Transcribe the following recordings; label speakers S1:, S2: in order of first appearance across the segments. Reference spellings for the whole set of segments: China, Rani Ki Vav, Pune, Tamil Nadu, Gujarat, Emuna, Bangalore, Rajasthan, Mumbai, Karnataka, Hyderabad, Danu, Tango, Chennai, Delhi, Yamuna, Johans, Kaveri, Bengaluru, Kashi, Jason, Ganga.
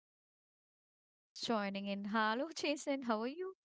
S1: today with me, my co-host joining in. Hello Jason, how are you?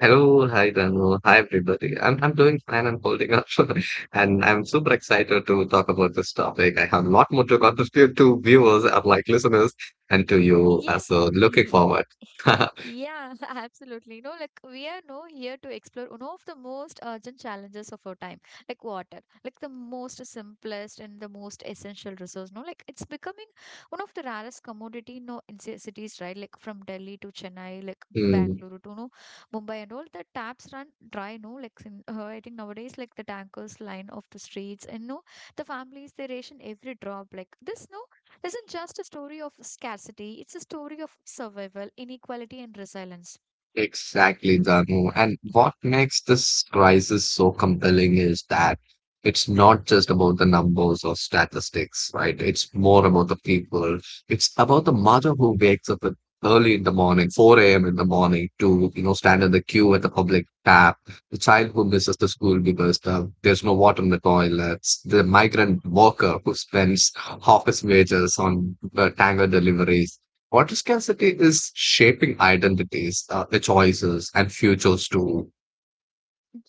S2: Hello, hi Danu. Hi everybody. I'm doing fine. I'm holding up, and I'm super excited to talk about this topic. I have a lot more to contribute to viewers and like listeners and to you. uh,
S1: Yeah.
S2: So looking forward.
S1: Yeah, absolutely. Like we are now here to explore one of the most urgent challenges of our time, like water, like the most simplest and the most essential resource. No, like it's becoming one of the rarest commodity. No, in cities, right? Like from Delhi to Chennai, like
S2: Hmm.
S1: Bangalore to no Mumbai and all the taps run dry. No, like in, I think nowadays, like the tankers line off the streets and no, the families they ration every drop. Like this, no, isn't just a story of scarcity, it's a story of survival, inequality, and resilience.
S2: Exactly, Danu. And what makes this crisis so compelling is that it's not just about the numbers or statistics, right? It's more about the people. It's about the mother who wakes up at early in the morning, 4 a.m. in the morning to, you know, stand in the queue at the public tap, the child who misses the school because there's no water in the toilets, the migrant worker who spends half his wages on tango deliveries. Water scarcity is shaping identities, the choices, and futures too.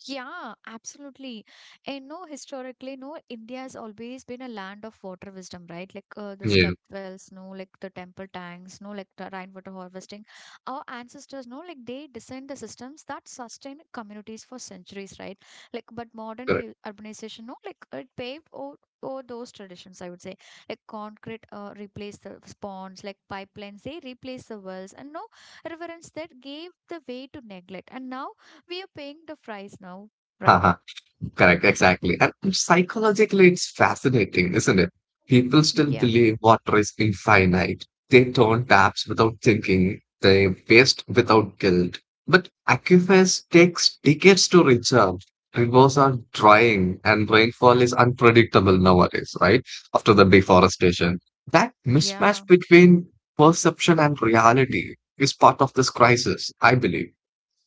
S1: Yeah, absolutely. And no, historically, no, India has always been a land of water wisdom, right? Like the step
S2: Yeah,
S1: wells, no, like the temple tanks, no, like the rainwater harvesting. Our ancestors, no, like they designed the systems that sustain communities for centuries, right? Like, but modern
S2: correct.
S1: urbanization, no, like it paved over those traditions, I would say. Like concrete replaced the ponds, like pipelines, they replaced the wells, and no, reverence that gave the way to neglect. And now we are paying the price now, right?
S2: Correct, exactly. And psychologically, it's fascinating, isn't it? People still
S1: Yeah.
S2: believe water is infinite. They turn taps without thinking. They waste without guilt. But aquifers takes decades to recharge. Rivers are drying and rainfall is unpredictable nowadays, right? After the deforestation. That mismatch
S1: Yeah,
S2: between perception and reality is part of this crisis, I believe.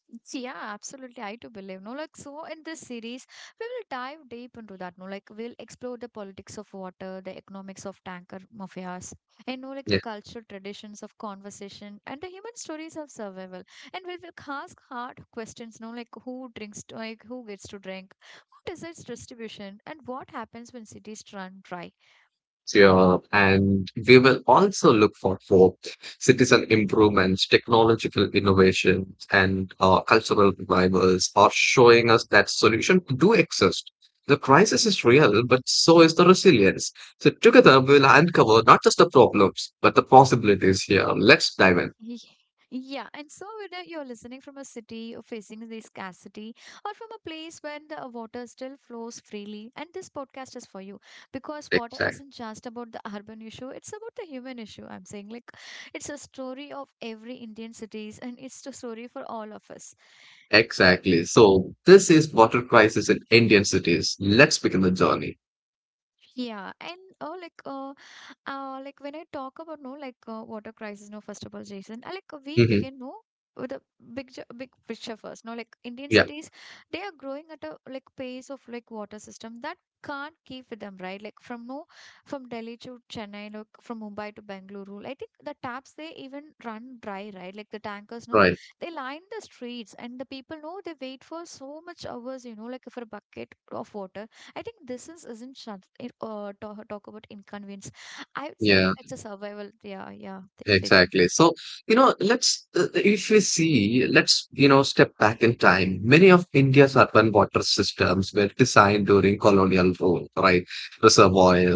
S1: Yeah, absolutely. I do believe. No, like, so in this series, we will dive deep into that. No, like, we'll explore the politics of water, the economics of tanker mafias, and no, like, the cultural traditions of conversation and the human stories of survival. And we will ask hard questions, no, like, who drinks, like, who gets to drink, who decides distribution, and what happens when cities run dry.
S2: Yeah, and we will also look for hope, citizen improvements, technological innovation, and cultural revivals are showing us that solutions do exist. The crisis is real, but so is the resilience. So together we will uncover not just the problems, but the possibilities here. Let's dive in.
S1: Ye- Yeah, and so whether you're listening from a city or facing the scarcity or from a place when the water still flows freely, and this podcast is for you because water
S2: Exactly.
S1: isn't just about the urban issue, it's about the human issue. I'm saying, like, it's a story of every Indian cities and it's a story for all of us.
S2: Exactly. So this is water crisis in Indian cities. Let's begin the journey.
S1: Yeah, and oh, like when I talk about no like water crisis no first of all Jason, like we
S2: Hmm.
S1: begin no with a big big picture first no like Indian
S2: Yeah.
S1: cities they are growing at a like pace of like water system that can't keep with them, right? Like from no from Delhi to Chennai, like from Mumbai to Bengaluru, I think the taps they even run dry, right? Like the tankers no
S2: Right.
S1: they line the streets and the people know they wait for so much hours, like for a bucket of water. I think this is isn't it, talk about inconvenience, I would say,
S2: Yeah.
S1: like it's a survival. Yeah, yeah, they're facing.
S2: Exactly. So, you know, if we see, let's, you know, step back in time. Many of India's urban water systems were designed during colonial rule, right?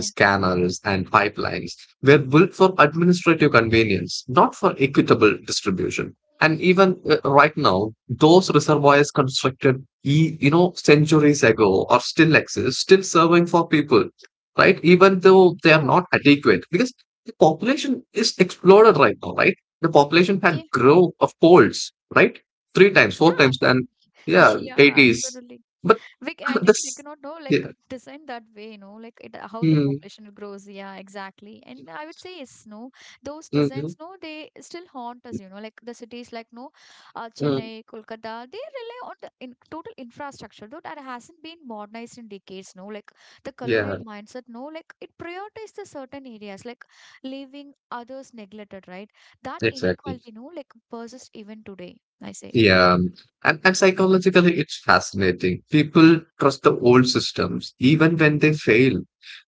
S1: Yeah,
S2: canals, and pipelines were built for administrative convenience, not for equitable distribution. And even right now, those reservoirs constructed, you know, centuries ago or still exist, still serving for people, right? Even though they are
S1: yeah,
S2: not adequate because the population is exploded right now, right? The population had
S1: yeah,
S2: grow of folds, right? Three times, four
S1: yeah.
S2: times than yeah,
S1: Yeah,
S2: eighties.
S1: absolutely.
S2: But
S1: I think they
S2: this
S1: cannot know like
S2: yeah.
S1: design that way, like it, how the
S2: Mm,
S1: population grows. Yeah, exactly. And I would say yes, no, those
S2: mm, mm,
S1: designs, no, they still haunt us. Like the cities, like no,
S2: mm,
S1: Chennai, Kolkata, they rely on the in total infrastructure though that hasn't been modernized in decades. No, like the
S2: yeah,
S1: colonial mindset. No, like it prioritizes the certain areas, like leaving others neglected. Right, that
S2: exactly.
S1: inequality, no, like persists even today. I say.
S2: Yeah. And, psychologically it's fascinating. People trust the old systems even when they fail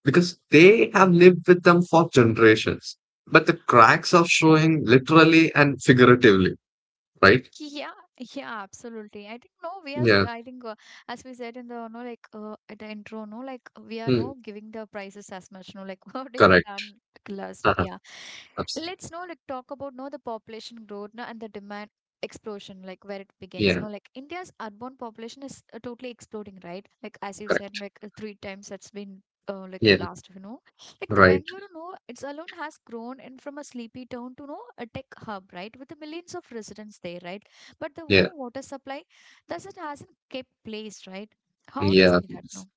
S2: because they have lived with them for generations. But the cracks are showing literally and figuratively, right?
S1: Yeah, yeah, absolutely. I think no, we are.
S2: Yeah.
S1: I think as we said in the no, like at the intro, no, like we are
S2: Mm,
S1: no giving the prices as much, no, like what they have
S2: correct.
S1: done last.
S2: Uh,
S1: Yeah,
S2: Absolutely.
S1: let's no like talk about no the population growth no, and the demand explosion like where it begins
S2: Yeah.
S1: no like India's urban population is totally exploding, right? Like as you said,
S2: Correct.
S1: like three times it's been like
S2: Yeah.
S1: blast, like the
S2: Right.
S1: Bengaluru, no, it's alone has grown in from a sleepy town to no a tech hub, right? With the millions of residents there, right? But the
S2: Yeah.
S1: water supply, thus it hasn't kept place, right? How do you
S2: Yeah.
S1: see that? No,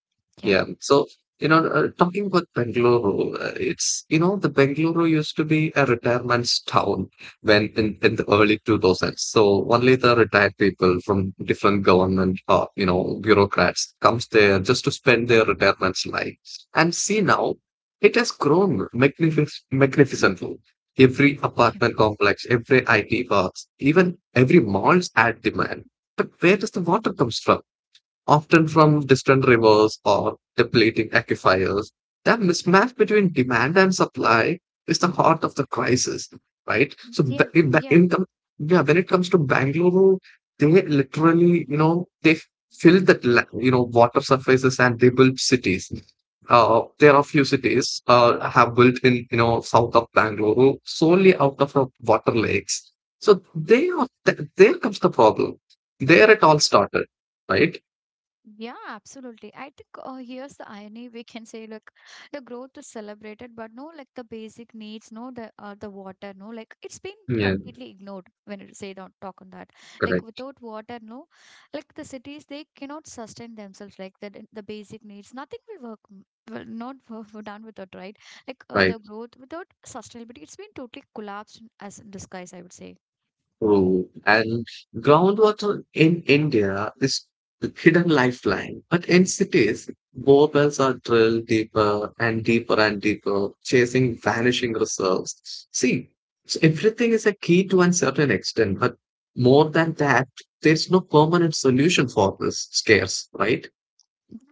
S1: yeah,
S2: Yeah. So, you know, talking about Bengaluru, it's, you know, the Bengaluru used to be a retirement town when in the early 2000s. So only the retired people from different government, you know, bureaucrats comes there just to spend their retirement life. And see now, it has grown magnificently. Every
S1: yeah,
S2: apartment complex, every IT parks, even every malls add demand. But where does the
S1: Mm,
S2: water comes from? Often from distant rivers or depleting aquifers. That mismatch between demand and supply is the heart of the crisis, right? So,
S1: yeah, yeah.
S2: yeah, when it comes to Bangalore, they literally, you know, fill that, you know, water surfaces and they build cities. There are few cities have built in, you know, south of Bangalore solely out of the water lakes. So they are, there comes the problem. There it all started, right?
S1: Yeah, absolutely. I think here's the irony. We can say, like the growth is celebrated, but no, like the basic needs, no, the water, no, like it's been
S2: Yeah,
S1: completely ignored when it say don't talk on that. Like
S2: correct.
S1: without water, no, like the cities they cannot sustain themselves. Like the basic needs, nothing will work. Will not work for done without, right. Like the
S2: Right.
S1: growth without sustainability, it's been totally collapsed as in disguise, I would say.
S2: True. And groundwater in India is a hidden lifeline. But in cities, borewells are drilled deeper and deeper, chasing vanishing reserves. See, so everything is a key to a certain extent, but more than that, there's no permanent solution for this scarce, right?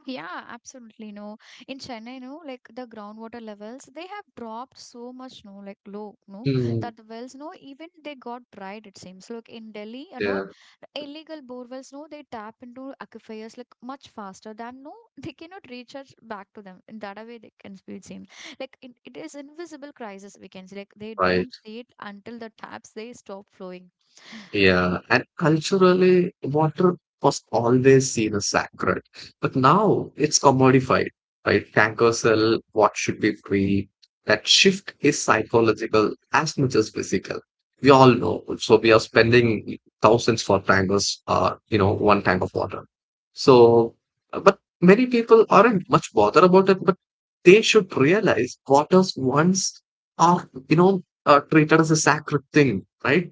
S1: Yeah, absolutely. No, in Chennai, no, like the groundwater levels, they have dropped so much, no, like low, no,
S2: Hmm.
S1: that the wells, no, even they got dried, it seems. Like in Delhi and all,
S2: Yeah,
S1: the illegal bore wells, no, they tap into aquifers like much faster than, no, they cannot recharge back to them. In that a way, they can be seen. Like, it is invisible crisis, we can say. Like, they
S2: right.
S1: don't see it until the taps, they stop flowing.
S2: Yeah, and culturally, water was always seen as sacred, but now it's commodified, right? Tankers sell what should be free. That shift is psychological as much as physical. We all know. So we are spending thousands for tankers, you know, one tank of water. So, but many people aren't much bothered about it, but they should realize waters once are, you know, treated as a sacred thing, right?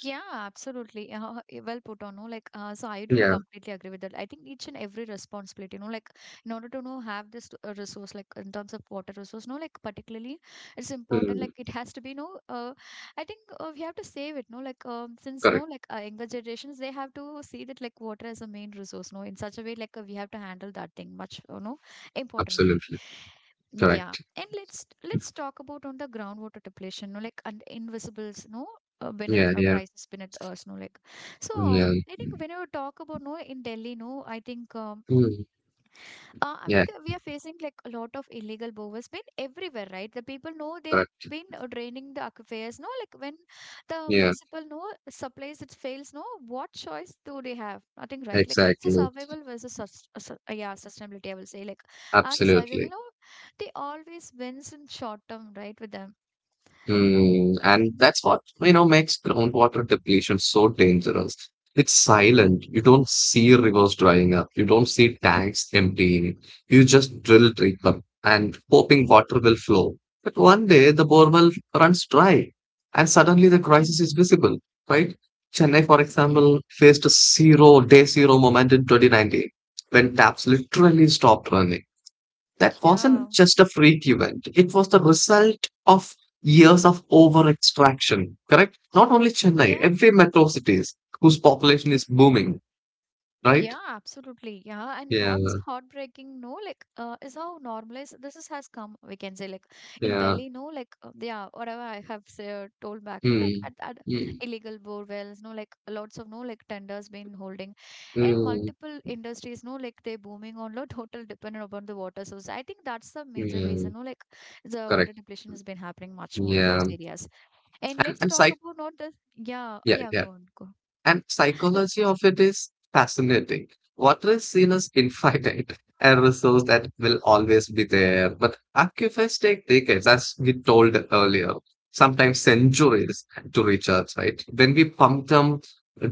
S1: Yeah, absolutely. Well put on, no? Like, so I do
S2: Yeah.
S1: completely agree with that. I think each and every responsibility, like in order to know have this resource, like in terms of water resource, no, like particularly, it's important. Like it has to be, no, I think we have to save it, no, like since no,
S2: Correct.
S1: like younger generations, they have to see that like water as a main resource, no, in such a way, like we have to handle that thing much, importantly.
S2: Absolutely.
S1: Yeah,
S2: Correct.
S1: and let's talk about on the groundwater depletion, no, like and invisibles, no when it
S2: Yeah,
S1: a
S2: yeah,
S1: crisis when it us no like so
S2: yeah.
S1: I think when you talk about no in Delhi no I think
S2: Mm, yeah,
S1: we are facing like a lot of illegal bowers been everywhere right the people know they are
S2: correct.
S1: been draining the aquifers no like when the
S2: Yeah,
S1: municipal no supplies it fails no what choice do they have nothing right like it's a
S2: exactly.
S1: survival versus yeah, sustainability I will say like and survival
S2: Absolutely.
S1: no they always wins in short term right with them
S2: Hmm, and that's what, you know, makes groundwater depletion so dangerous. It's silent. You don't see rivers drying up. You don't see tanks emptying. You just drill deep up and hoping water will flow. But one day the borewell runs dry and suddenly the
S1: yeah
S2: crisis is visible, right? Chennai, for
S1: okay
S2: example, faced a zero day zero moment in 2019 when taps literally stopped running. That
S1: yeah
S2: wasn't just a freak event, it was the result of years of over extraction, correct? Not only Chennai, every metro cities whose population
S1: yeah.
S2: is booming, right?
S1: Yeah, absolutely. Yeah, and
S2: Yeah,
S1: what's heartbreaking, no, like, is how normalized this is has come. We can say, like, in
S2: yeah.
S1: Delhi, no, like, yeah, whatever I have said told back, no, like,
S2: Hmm.
S1: at
S2: Mm,
S1: illegal borewells, no, like, lots of no, like, tenders been holding, and
S2: mm,
S1: multiple industries, no, like, they booming on, no, total dependent upon the water source. I think that's the major
S2: yeah,
S1: reason, no, like, the water
S2: correct.
S1: depletion has been happening much more in those
S2: Yeah.
S1: areas. And let's
S2: And
S1: talk
S2: psych,
S1: about not the, yeah,
S2: yeah,
S1: yeah,
S2: yeah.
S1: go on, go on.
S2: And psychology of it is fascinating. Water is seen as infinite, a resource that will always be there. But aquifers take decades, as we told earlier, sometimes centuries to reach Earth, right? When we pump them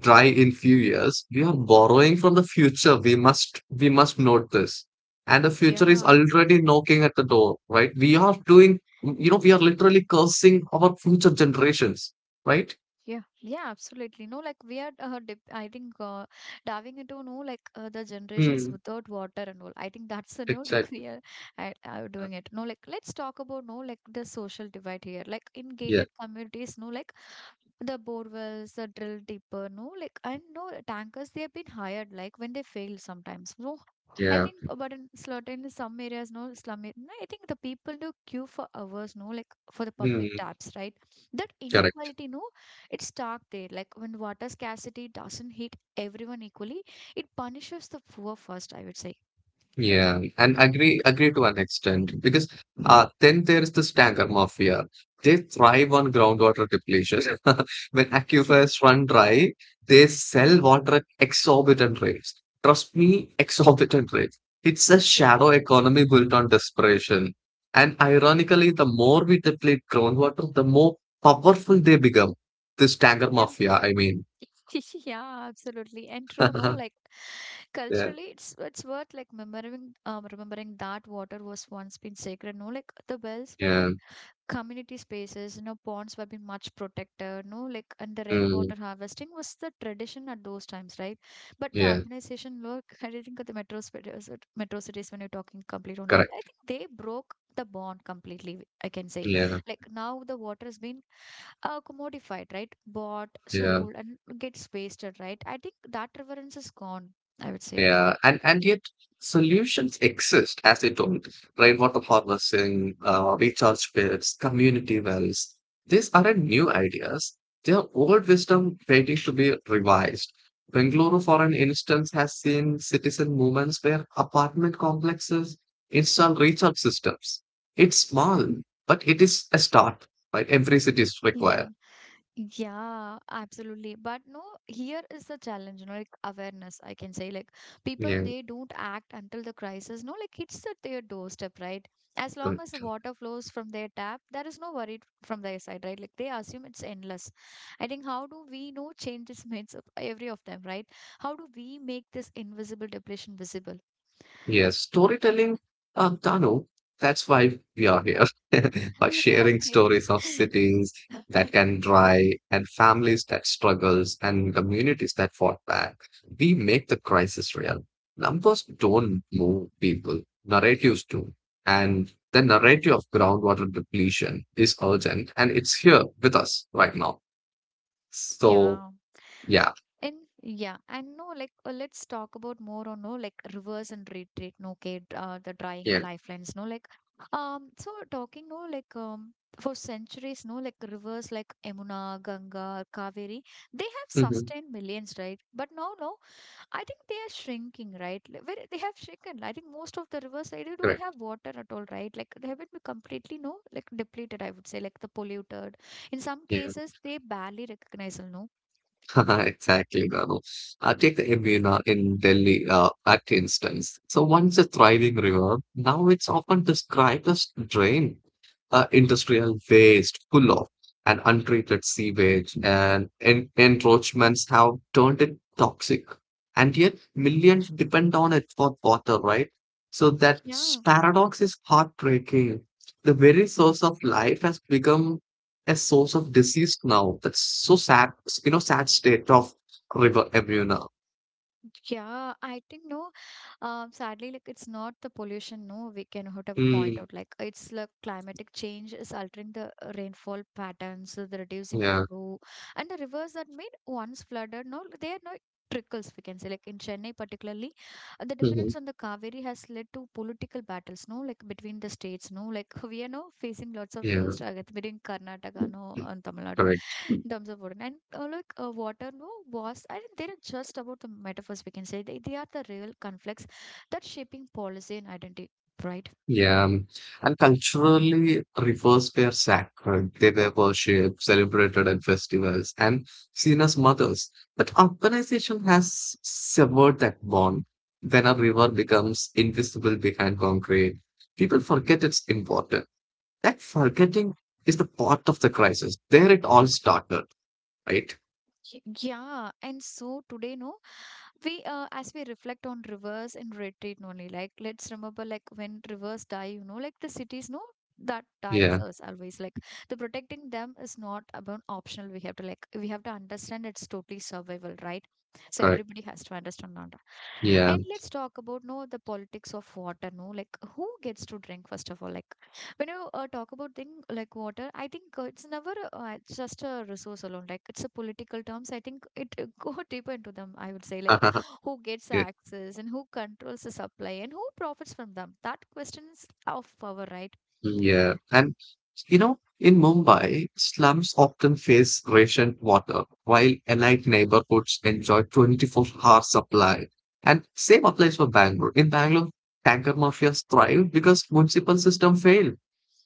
S2: dry in few years, we are borrowing from the future. We must note this. And the future is
S1: Yeah.
S2: already knocking at the door, right? We are doing, you know, we are literally cursing our future generations, right?
S1: Yeah, yeah, absolutely. No, like we are, I think, diving into, no, like the generations
S2: Hmm,
S1: without water and all. I think that's the new, like
S2: exactly.
S1: we are doing it. No, like let's talk about, no, like the social divide here. Like in
S2: Yeah,
S1: gated communities, no, like the bore wells are drilled deeper no like I know tankers they have been hired like when they fail sometimes no I
S2: yeah.
S1: think but in certain some areas no no, I think the people do queue for hours no like for the public
S2: Hmm,
S1: taps, right? That
S2: correct.
S1: inequality no it's stark there like when water scarcity doesn't hit everyone equally it punishes the poor first, I would say.
S2: Yeah, and agree to an extent because then there is the tanker mafia. They thrive on groundwater depletion. When
S1: Yeah,
S2: aquifers run dry, they sell water at exorbitant rates. Trust me, exorbitant rates. It's a
S1: yeah,
S2: shadow economy built on desperation. And ironically, the more we deplete groundwater, the more powerful they become. This tanker
S1: yeah.
S2: mafia, I mean.
S1: Yeah, absolutely and true no like
S2: Yeah,
S1: culturally it's worth like remembering that water was once been sacred no like the wells were
S2: yeah,
S1: been community spaces, ponds were been much protected no like and the
S2: mm,
S1: rainwater harvesting was the tradition at those times, right? But the
S2: yeah.
S1: urbanization look I didn't think of the metro cities when you're talking complete on that I
S2: Correct.
S1: think they broke the bond completely I can say
S2: Yeah,
S1: like now the water has been commodified right bought
S2: yeah,
S1: sold and gets wasted, right? I think that reverence is gone, I would say.
S2: yeah. And yet solutions exist, as they told, rainwater harvesting, recharge pits, community wells. These aren't new ideas. They are old wisdom waiting to be revised. Bengaluru, for an instance, has seen citizen movements where apartment complexes install recharge systems. It's small, but it is a start, right? Every city is
S1: Yeah.
S2: required.
S1: Yeah, absolutely. But no, here is the challenge, like awareness, I can say. Like people,
S2: Yeah.
S1: they don't act until the crisis, no, like it's at their doorstep, right? As long as the water flows from their tap, there is no worry from their side, right? Like they assume it's endless. I think how do we know change this minds of every of them, right? How do we make this invisible depletion visible?
S2: Yes, storytelling, Tanu, that's why we are here, by sharing stories of cities
S1: Okay.
S2: that can dry and families that struggles and communities that fought back. We make the crisis real. Numbers don't move people, narratives do. And the narrative of groundwater depletion is urgent and it's here with us right now. So,
S1: Yeah.
S2: yeah,
S1: And yeah, and no, like let's talk about more on no like reverse and retreat, no, okay, the drying
S2: yeah.
S1: lifelines, no, like so talking, no, like for centuries, no, like rivers like Emuna, Ganga, Kaveri, they have
S2: Hmm,
S1: sustained millions, right? But now, no, I think they are shrinking, right? Like, where they have shrunken, I think most of the rivers, right, they don't have
S2: correct.
S1: water at all, right? Like they have been completely no, like depleted, I would say, like the polluted. In some
S2: Yeah.
S1: cases, they barely recognizable, no.
S2: Exactly, Rano. Take the Yamuna in Delhi at instance. So once a thriving river, now it's often described as drain, industrial waste full of and untreated sewage and encroachments have turned it toxic. And yet, millions depend on it for water, right? So, that
S1: Yeah,
S2: paradox is heartbreaking. The very source of life has become a source of disease now. That's so sad, you know, sad state of river Amuna.
S1: yeah, I think no. Sadly, like it's not the pollution. No, we can have to point
S2: Mm,
S1: out like it's like climatic change is altering the rainfall patterns, the reducing the
S2: yeah.
S1: flow, and the rivers that made once flooded. No, they are now trickles. We can say like in Chennai particularly, the
S2: Hmm.
S1: dependence on the Kaveri has led to political battles. No, like between the states. No, like we are now facing lots of
S2: Yeah.
S1: struggle between Karnataka, no, and Tamil Nadu
S2: Correct.
S1: in terms of wooden. And like water, no, was, I think they're just about the metaphors we can say. They are the real conflicts that shaping policy and identity, right?
S2: Yeah, and culturally, rivers were sacred. They were worshipped, celebrated at festivals, and seen as mothers. But urbanization has severed that bond. When a river becomes invisible behind concrete, people forget its importance. That forgetting is the part of the crisis. There it all started, right?
S1: Y- Yeah, and so today, no, we as we reflect on rivers and retreat only, like let's remember like when rivers die, you know, like the cities, no, that dies
S2: Yeah,
S1: us always. Like the protecting them is not about optional. We have to understand it's totally survival, right? So
S2: correct.
S1: everybody has to understand on that.
S2: Yeah.
S1: And let's talk about no the politics of water, no, like who gets to drink first of all, like when you talk about thing like water, I think it's never just a resource alone, like it's a political terms. I think it go deeper into them, I would say, like who gets
S2: Yeah.
S1: access and who controls the supply and who profits from them? That question is of power, right?
S2: Yeah, and you know, in Mumbai, slums often face rationed water, while elite neighborhoods enjoy 24-hour supply. And same applies for Bangalore. In Bangalore, tanker mafias thrive because municipal system failed.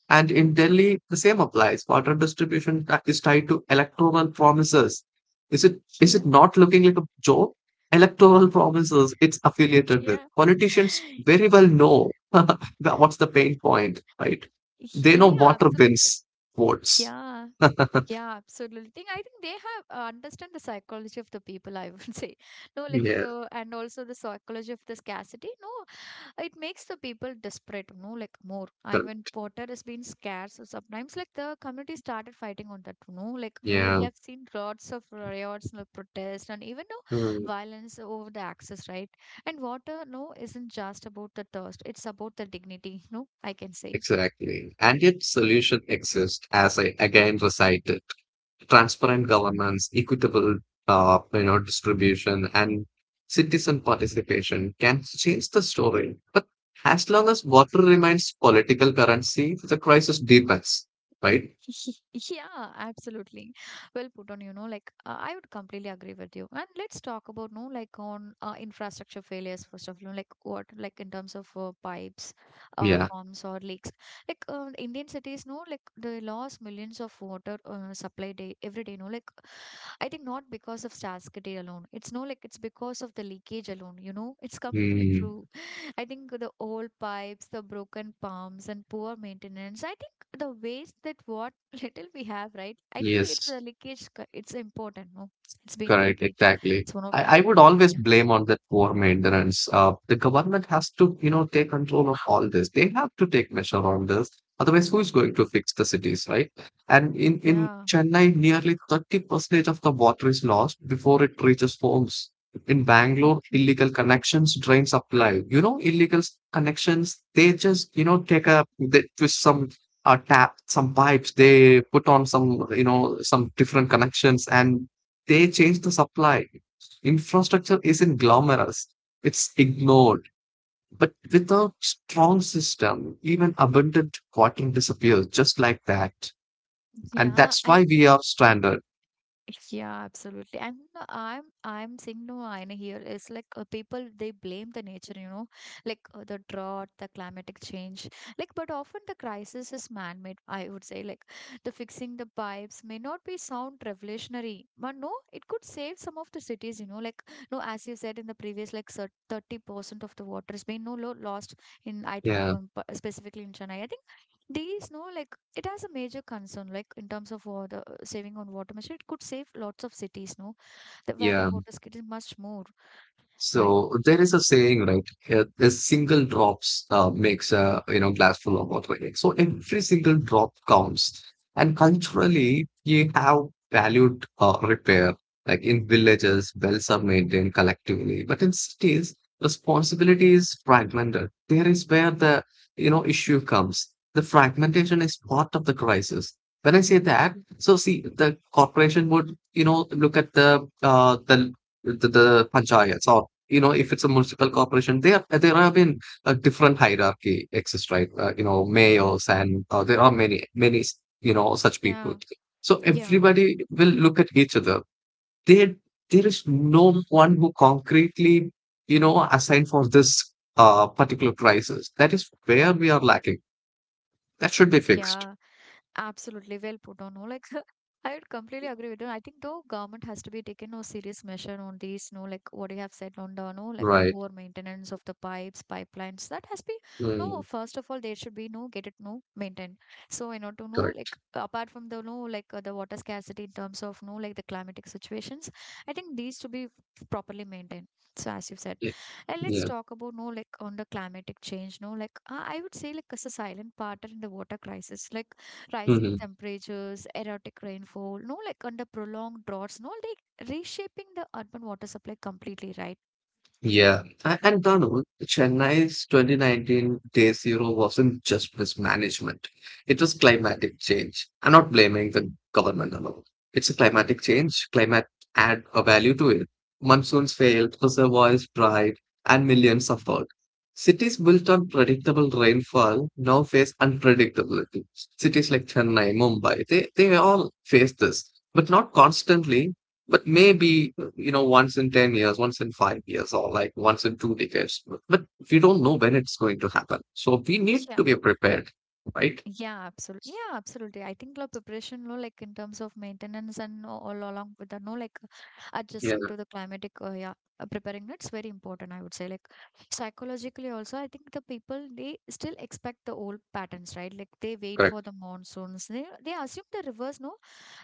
S2: And in Delhi, the same applies. Water distribution is tied to electoral promises. Is it
S1: Yeah,
S2: not looking like a joke? Electoral promises it's affiliated with.
S1: yeah.
S2: Politicians very well know that what's the pain point, right? They know
S1: Yeah,
S2: water
S1: absolutely.
S2: wins votes.
S1: Yeah, yeah, absolutely. I think they have understand the psychology of the people, I would say. No, like
S2: Yeah,
S1: the, and also the psychology of the scarcity. No, it makes the people desperate, no, like more
S2: cor-
S1: even water has been scarce. So sometimes like the community started fighting on that, no, like we
S2: yeah,
S1: have seen lots of riots, like protests, and even no
S2: mm,
S1: violence over the access, right? And water, no, isn't just about the thirst, it's about the dignity, no, I can say.
S2: exactly. And yet, solution exists, as I again recited: transparent governance, equitable, you know, distribution, and citizen participation can change the story. But as long as water remains political currency, the crisis deepens, right?
S1: Yeah, absolutely. Well put on, you know, like I would completely agree with you. And let's talk about, no, like on infrastructure failures, first of all, like what, like in terms of pipes,
S2: Yeah.
S1: pumps, or leaks. Like Indian cities, no, like they lost millions of water supply day every day, no, like I think not because of scarcity alone. It's no like it's because of the leakage alone, you know? It's completely
S2: Hmm.
S1: true. I think the old pipes, the broken pumps, and poor maintenance. I think the waste that what little we have, right? I think it's a
S2: Yes.
S1: leakage. It's important, no? It's been
S2: Correct,
S1: leakage.
S2: exactly.
S1: It's one of the.
S2: I would always
S1: Yeah.
S2: blame on that poor maintenance. The government has to, you know, take control of all this. They have to take measure on this. Otherwise, who is going to fix the cities, right? And in
S1: Yeah.
S2: Chennai, nearly 30% of the water is lost before it reaches homes. In Bangalore,
S1: Okay.
S2: illegal connections drain supply. You know, connections, they just, you know, take a, they twist some tap, some pipes, they put on some, you know, some different connections and they change the supply. Infrastructure isn't glamorous, it's ignored. But without strong system, even abundant water disappears just like that. And
S1: Yeah.
S2: that's why
S1: And
S2: we are stranded.
S1: yeah, absolutely. And no, I'm saying no I know here. It's like people they blame the nature, you know, like the drought, the climatic change. Like, but often the crisis is man-made, I would say, like the fixing the pipes may not be sound revolutionary, but no, it could save some of the cities. You know, like no, as you said in the previous, like 30% of the water has been no lo lost in, I think,
S2: Yeah,
S1: specifically in Chennai. I think these, no, like it has a major concern, like in terms of water saving on water measure, it could save lots of cities, no, that where the
S2: yeah.
S1: water scarcity is much more, right?
S2: So there is a saying, right? A single drops makes a, you know, glass full of water, right? So every single drop counts. And culturally, we have valued repair. Like in villages, wells are maintained collectively, but in cities, responsibility is fragmented. There is where the, you know, issue comes. The fragmentation is part of the crisis. When I say that, so see, the corporation would look at the panchayats or, if it's a municipal corporation, there have been a different hierarchy exists, right? Mayors and there are many such people.
S1: Yeah,
S2: So
S1: yeah.
S2: everybody will look at each other. There there is no one who concretely assigned for this particular crisis. That is where we are lacking. That should be fixed,
S1: Yeah, absolutely, well put on. No, like I would completely agree with you. I think though government has to be taking no serious measure on these. No, like what you have said on the no like
S2: right?
S1: poor maintenance of the pipes, pipelines. That has been no.
S2: Mm,
S1: First of all, there should be no get it no maintained. So in order to know like
S2: correct.
S1: apart from the no like the water scarcity in terms of no like the climatic situations, I think these to be properly maintained. So as you said.
S2: Yeah.
S1: And let's
S2: Yeah.
S1: talk about no like on the climatic change. No, like I would say like it's a silent partner in the water crisis, like rising
S2: Mhm.
S1: temperatures, erratic rainfall. No, like under prolonged droughts. No, like reshaping the urban water supply completely, right?
S2: Yeah, and Danu, Chennai's 2019 Day Zero wasn't just mismanagement. It was climatic change. I'm not blaming the government alone. It's a climatic change. Climate add a value to it. Monsoons failed, reservoirs dried, and millions suffered. Cities built on predictable rainfall now face unpredictability. Cities like Chennai, Mumbai, they all face this, but not constantly, but maybe you know, once in 10 years, once in 5 years, or like once in two decades, but we don't know when it's going to happen, so we need to
S1: Yeah.
S2: be prepared, right?
S1: Yeah, absolutely. Yeah, absolutely. I think like preparation, no, like in terms of maintenance and all along with the no, like
S2: Yeah,
S1: adjusting to the climatic, yeah, preparing, that's very important, I would say, like psychologically also. I think the people they still expect the old patterns, right? Like they wait
S2: correct.
S1: for the monsoons. They assume the rivers, no,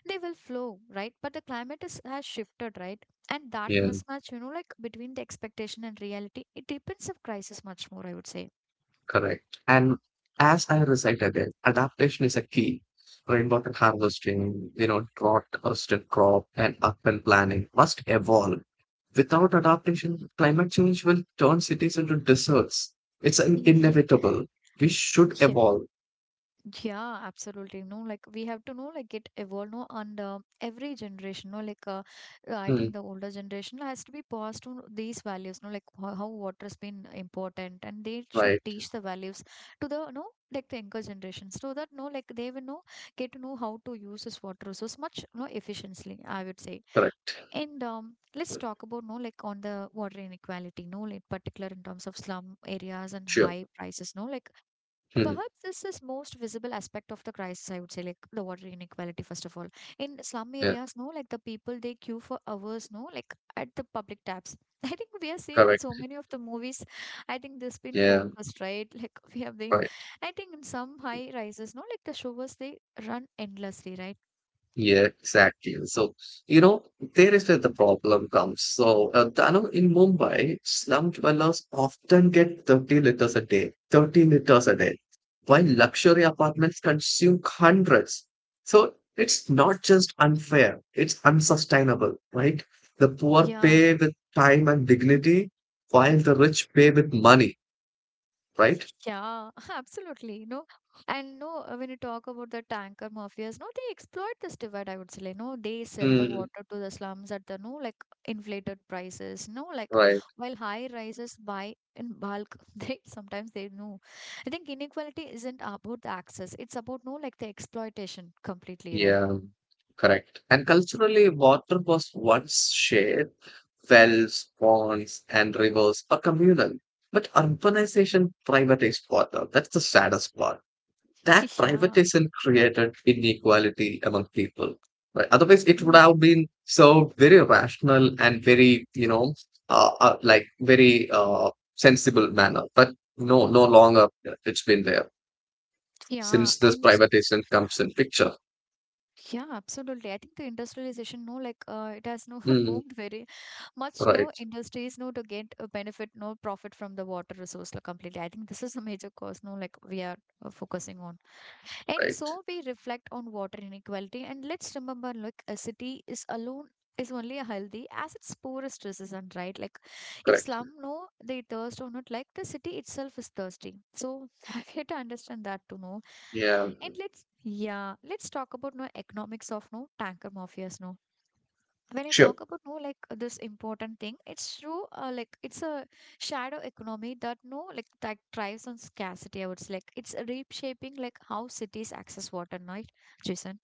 S1: they will flow, right? But the climate is has shifted, right? And that
S2: Yeah,
S1: mismatch, you know, like between the expectation and reality, it depends of crisis much more, I would say.
S2: correct. And as I recite again, adaptation is a key. Rainwater harvesting, you know, drought resistant crop, and urban planning must evolve. Without adaptation, climate change will turn cities into deserts. It's
S1: Yeah.
S2: inevitable. We should
S1: Yeah.
S2: evolve.
S1: Yeah, absolutely. No, like we have to know, like it evolve, no, and every generation, no, like I think
S2: Hmm,
S1: the older generation has to be passed on these values, no, like how water's been important, and they should
S2: right.
S1: teach the values to the no, like the younger generation, so that no, like they will know get to know how to use this water resource much no efficiently, I would say.
S2: Correct.
S1: And let's talk about no, like on the water inequality, no, like particular in terms of slum areas and
S2: Sure.
S1: high prices, no, like
S2: Mhm.
S1: perhaps this is most visible aspect of the crisis, I would say, like the water inequality, first of all. In slum
S2: Yeah.
S1: areas, no, like the people, they queue for hours, no, like at the public taps. I think we have seen in
S2: Correct.
S1: so many of the movies, I think this been
S2: Yeah.
S1: focused, right? Like we have been,
S2: Right.
S1: I think in some high rises, no, like the showers, they run endlessly, right?
S2: Yeah. Exactly. So there is where the problem comes. So I know in Mumbai, slum dwellers often get 30 liters a day. 30 liters a day, while luxury apartments consume hundreds. So it's not just unfair; it's unsustainable, right? The poor
S1: Yeah.
S2: pay with time and dignity, while the rich pay with money, right?
S1: Yeah, absolutely. No, and no, when you talk about the tanker mafias, no, they exploit this divide, I would say, like. No, they sell the
S2: Mm,
S1: water to the slums at the no, like inflated prices. No, like
S2: right.
S1: while high rises buy in bulk, they sometimes they know. I think inequality isn't about the access, it's about no, like the exploitation completely, right?
S2: Yeah. Correct. And culturally, water was once shared. Wells, ponds, and rivers are communal. But urbanization privatized water. That's the saddest part. That
S1: Yeah.
S2: privatization created inequality among people. Right? Otherwise, it would
S1: Mm.
S2: have been so very rational and very, you know, like very sensible manner. But no, no longer it's been there
S1: Yeah.
S2: since this
S1: And
S2: privatization comes in picture.
S1: yeah, absolutely. I think the industrialization, no, like it has no
S2: Mm,
S1: boomed very much,
S2: right,
S1: no industries no to get a benefit no profit from the water resource, like, completely. I think this is a major cause, no like we are focusing on. And
S2: right,
S1: so we reflect on water inequality and let's remember like a city is alone is only a healthy as its poorest citizen, right? Like if
S2: correct.
S1: slum no they thirst or not, like the city itself is thirsty. So we have to understand that to know.
S2: Yeah.
S1: And let's yeah, let's talk about no economics of no tanker mafias, no, when you
S2: Sure.
S1: talk about no like this important thing, it's true, like it's a shadow economy that no like that thrives on scarcity, I would say, like it's reshaping like how cities access water, right, Jason?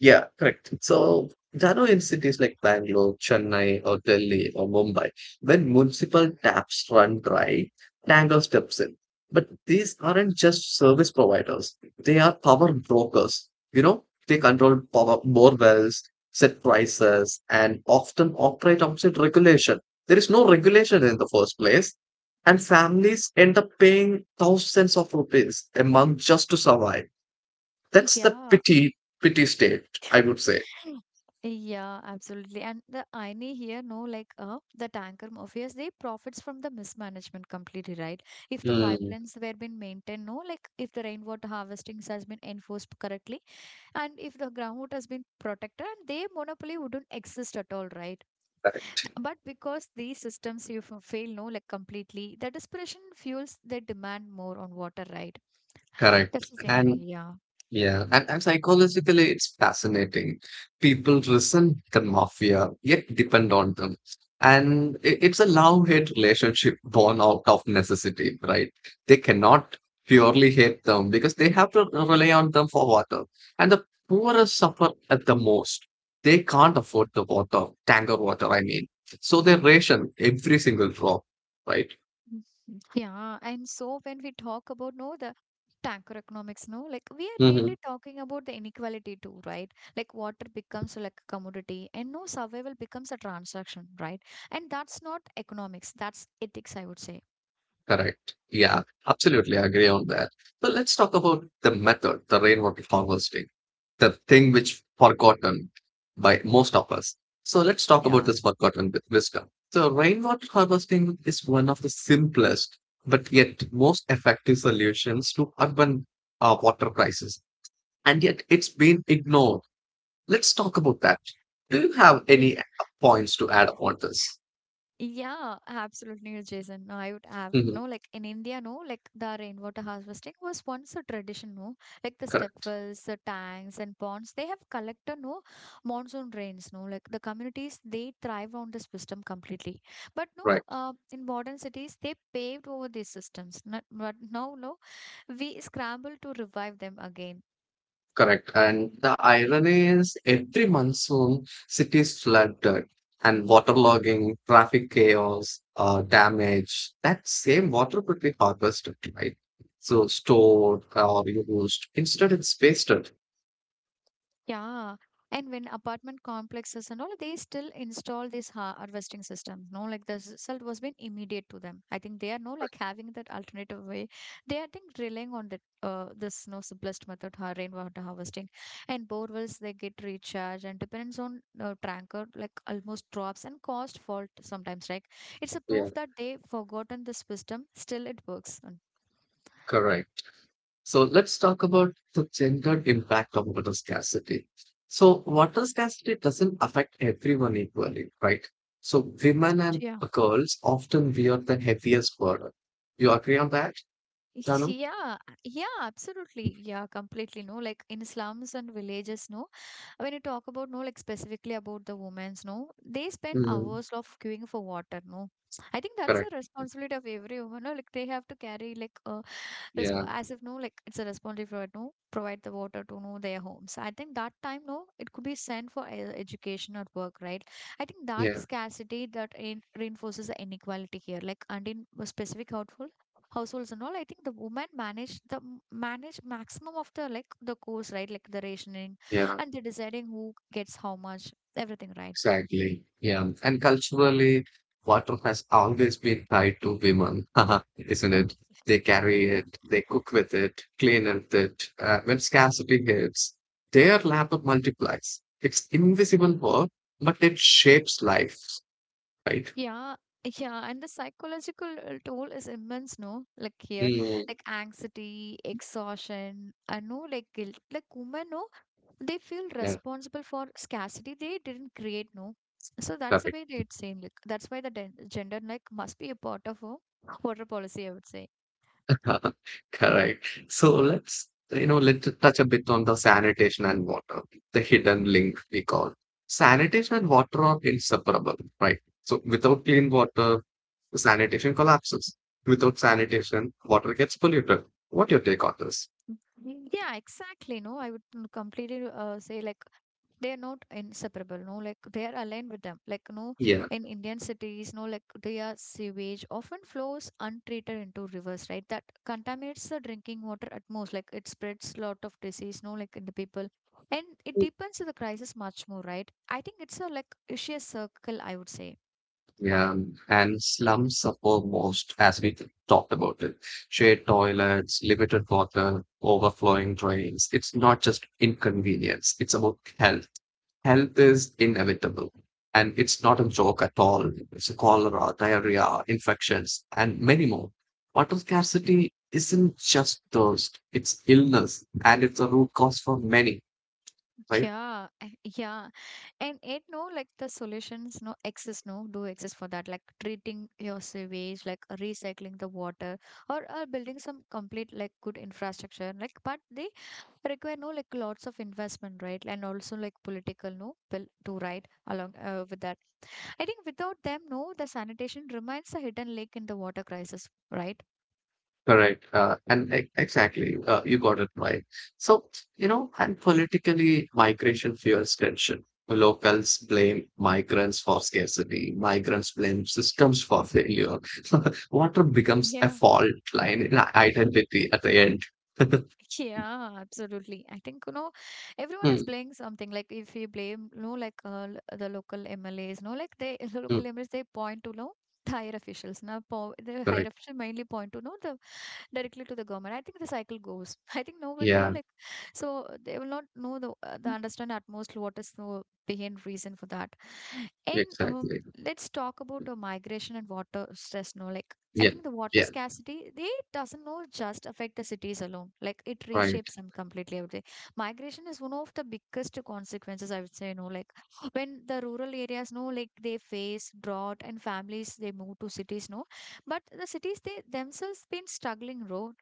S2: Yeah, correct. So there are in cities like Bangalore, Chennai, or Delhi, or Mumbai, when municipal taps run dry, Tango steps in. But these aren't just service providers, they are power brokers. You know, they control power more wells, set prices, and often operate outside regulation. There is no regulation in the first place. And families end up paying thousands of rupees a month just to survive. That's the
S1: Yeah.
S2: pity state, I would say.
S1: Yeah, absolutely. And the irony here, no, like the tanker mafias, they profits from the mismanagement completely, right? If the
S2: Mm,
S1: pipelines were been maintained, no, like if the rainwater harvesting has been enforced correctly, and if the groundwood has been protected, and their monopoly wouldn't exist at all, right?
S2: correct,
S1: But because these systems you fail, no like completely the desperation fuels the demand more on water, right?
S2: correct.
S1: That's the thing
S2: And
S1: yeah,
S2: yeah, and psychologically, it's fascinating. People resent the mafia, yet depend on them. And it's a love-hate relationship born out of necessity, right? They cannot purely hate them because they have to rely on them for water. And the poorest suffer at the most. They can't afford the water, tanker water, I mean. So they ration every single drop, right?
S1: yeah. And so when we talk about no the tanker economics, no, like we are
S2: Mhm.
S1: really talking about the inequality too, right? Like water becomes like a commodity and no survival becomes a transaction, right? And that's not economics, that's ethics, I would say.
S2: Correct. Yeah, absolutely. I agree on that. But let's talk about the method, the rainwater harvesting, the thing which forgotten by most of us. So let's talk about
S1: Yeah.
S2: this forgotten with wisdom. So rainwater harvesting is one of the simplest but yet most effective solutions to urban water crisis, and yet it's been ignored. Let's talk about that. Do you have any points to add on this?
S1: Yeah, absolutely, Jason. No, I would have
S2: Mhm.
S1: no like in India, no like the rainwater harvesting was once a tradition, no like the step
S2: Correct.
S1: wells, the tanks, and ponds. They have collected no monsoon rains, no like the communities they thrive on this system completely. But no,
S2: Right.
S1: in modern cities they paved over these systems. Not, but now no, we scramble to revive them again.
S2: Correct. And the irony is every monsoon, cities flooded and waterlogging, traffic chaos, damage. That same water could be harvested, right? So stored or used. Instead, it's wasted.
S1: Yeah. And when apartment complexes and all, they still install these ha harvesting systems. No, like the result was been immediate to them. I think they are no like having that alternative way. They are, I think, relying on that this no simplest method, ha rainwater harvesting. And borewells they get recharged and dependence on tanker like almost drops and cost fault sometimes. Like it's a
S2: Yeah,
S1: proof that they forgotten this wisdom. Still, it works. And-
S2: correct. So let's talk about the gendered impact of water scarcity. So water scarcity doesn't affect everyone equally, right? So women and
S1: Yeah.
S2: girls often bear the heaviest burden. You agree on that, Danu?
S1: Yeah, yeah, absolutely. Yeah, completely. No, like in slums and villages, no, when you talk about, no, like specifically about the women's, no, they spend
S2: Mhm.
S1: hours of queuing for water, no. I think that's the
S2: Correct.
S1: responsibility of every woman, no, like they have to carry like a
S2: Yeah,
S1: as if no like it's a responsibility for no provide the water to know their homes. I think that time no it could be sent for education or work, right? I think that
S2: yeah,
S1: scarcity that in, reinforces the inequality here, like, and in a specific household households and all, I think the women manage the manage maximum of the like the course, right? Like the rationing
S2: yeah,
S1: and they deciding who gets how much everything, right?
S2: exactly. Yeah. And culturally, water has always been tied to women, isn't it? They carry it, they cook with it, clean with it. When scarcity hits, their labor multiplies. It's invisible work, but it shapes life, right?
S1: Yeah, yeah, and the psychological toll is immense, no? Like here,
S2: Mm,
S1: like anxiety, exhaustion, I know, like guilt. Like women, no, they feel
S2: yeah,
S1: responsible for scarcity they didn't create, no? So that's the
S2: that
S1: way they'd say, like, that's why the gender, like, must be a part of a water policy, I would say.
S2: Uh, Correct. So let's, you know, let's touch a bit on the sanitation and water, the hidden link we call. Sanitation and water are inseparable, right? So without clean water, sanitation collapses. Without sanitation, water gets polluted. What your take on this?
S1: Yeah, exactly, no? I would completely say, like, they are not inseparable, no, like they are aligned with them, like, no,
S2: Yeah,
S1: in Indian cities, no, like their sewage often flows untreated into rivers, right? That contaminates the drinking water at most. Like it spreads lot of disease, no, like in the people, and it deepens the crisis much more, right? I think it's a like vicious circle, I would say.
S2: yeah. And slums suffer most as we talked about it. Shared toilets, limited water, overflowing drains. It's not just inconvenience, it's about health. Health is inevitable, and it's not a joke at all. It's a cholera, diarrhea, infections, and many more. Water scarcity isn't just thirst, it's illness, and it's a root cause for many, right?
S1: Yeah, yeah. And it no like the solutions no exist, no, do exist for that, like treating your sewage, like recycling the water or building some complete like good infrastructure, like, but they require no like lots of investment, right? And also like political no bill to ride along with that. I think without them no the sanitation remains a hidden lake in the water crisis, right?
S2: Correct. And exactly, you got it right. So, you know, and politically, migration fuels tension. Locals blame migrants for scarcity. Migrants blame systems for failure. Water becomes a
S1: Yeah.
S2: fault line in our identity at the end.
S1: Yeah, absolutely. I think, you know, everyone is
S2: Mm,
S1: blaming something. Like if you blame, you know, like the local MLAs, no, like they, the
S2: mm,
S1: local MLAs, they point to, no, the higher officials. Now, po the
S2: correct.
S1: higher officials mainly point to, no, the directly to the government. I think the cycle goes. I think nobody know,
S2: Yeah,
S1: like, so they will not know the understand at most what is the behind reason for that. And
S2: exactly.
S1: let's talk about migration and water stress, no, like I
S2: Yeah,
S1: think the water
S2: yeah,
S1: scarcity, they doesn't know just affect the cities alone. Like it
S2: right.
S1: reshapes them completely, I would say. Migration is one of the biggest consequences, I would say, you know, like when the rural areas know, like they face drought and families, they move to cities, no. But the cities, they themselves been struggling, road.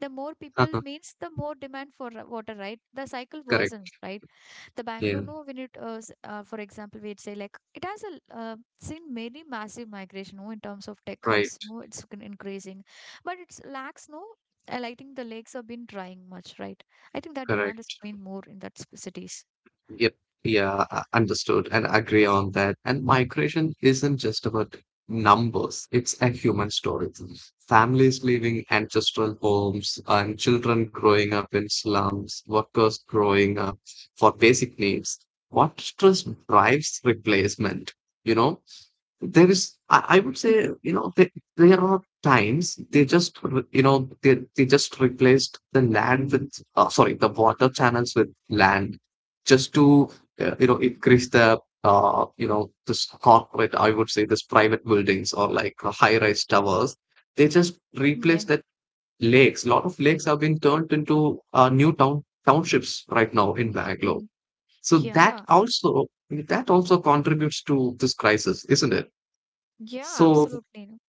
S1: The more people
S2: Uh-huh.
S1: means the more demand for water, right? The cycle worsens,
S2: Correct.
S1: right? The Bangalore,
S2: Yeah,
S1: no, when it, for example, we'd say like it has a, seen many massive migration, no, in terms of tech hubs,
S2: right,
S1: no, it's been increasing, but it's lacks, no, and I think the lakes have been drying much, right? I think that demand has
S2: correct.
S1: been more in that cities.
S2: Yep. Yeah, understood and agree on that. And migration isn't just about numbers, it's a human story. Families leaving ancestral homes and children growing up in slums, workers growing up for basic needs. What stress drives replacement? You know, there is I would say you know there are times they just you know they just replaced the land with sorry the water channels with land just to you know, increase the you know, this corporate I would say this private buildings or like high rise towers, they just
S1: Yeah.
S2: replace that. Lakes, a lot of lakes have been turned into new town townships right now in
S1: Y-
S2: Bangalore,
S1: y-
S2: so that
S1: Yeah.
S2: also, that also contributes to this crisis, isn't it?
S1: Yeah,
S2: So
S1: absolutely.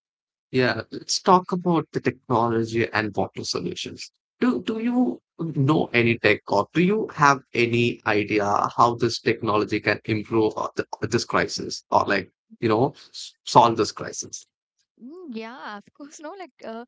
S2: yeah, let's talk about the technology and water solutions. Do you know any tech or do you have any idea how this technology can improve this crisis, or like you know, solve this crisis?
S1: Yeah, of course, no, like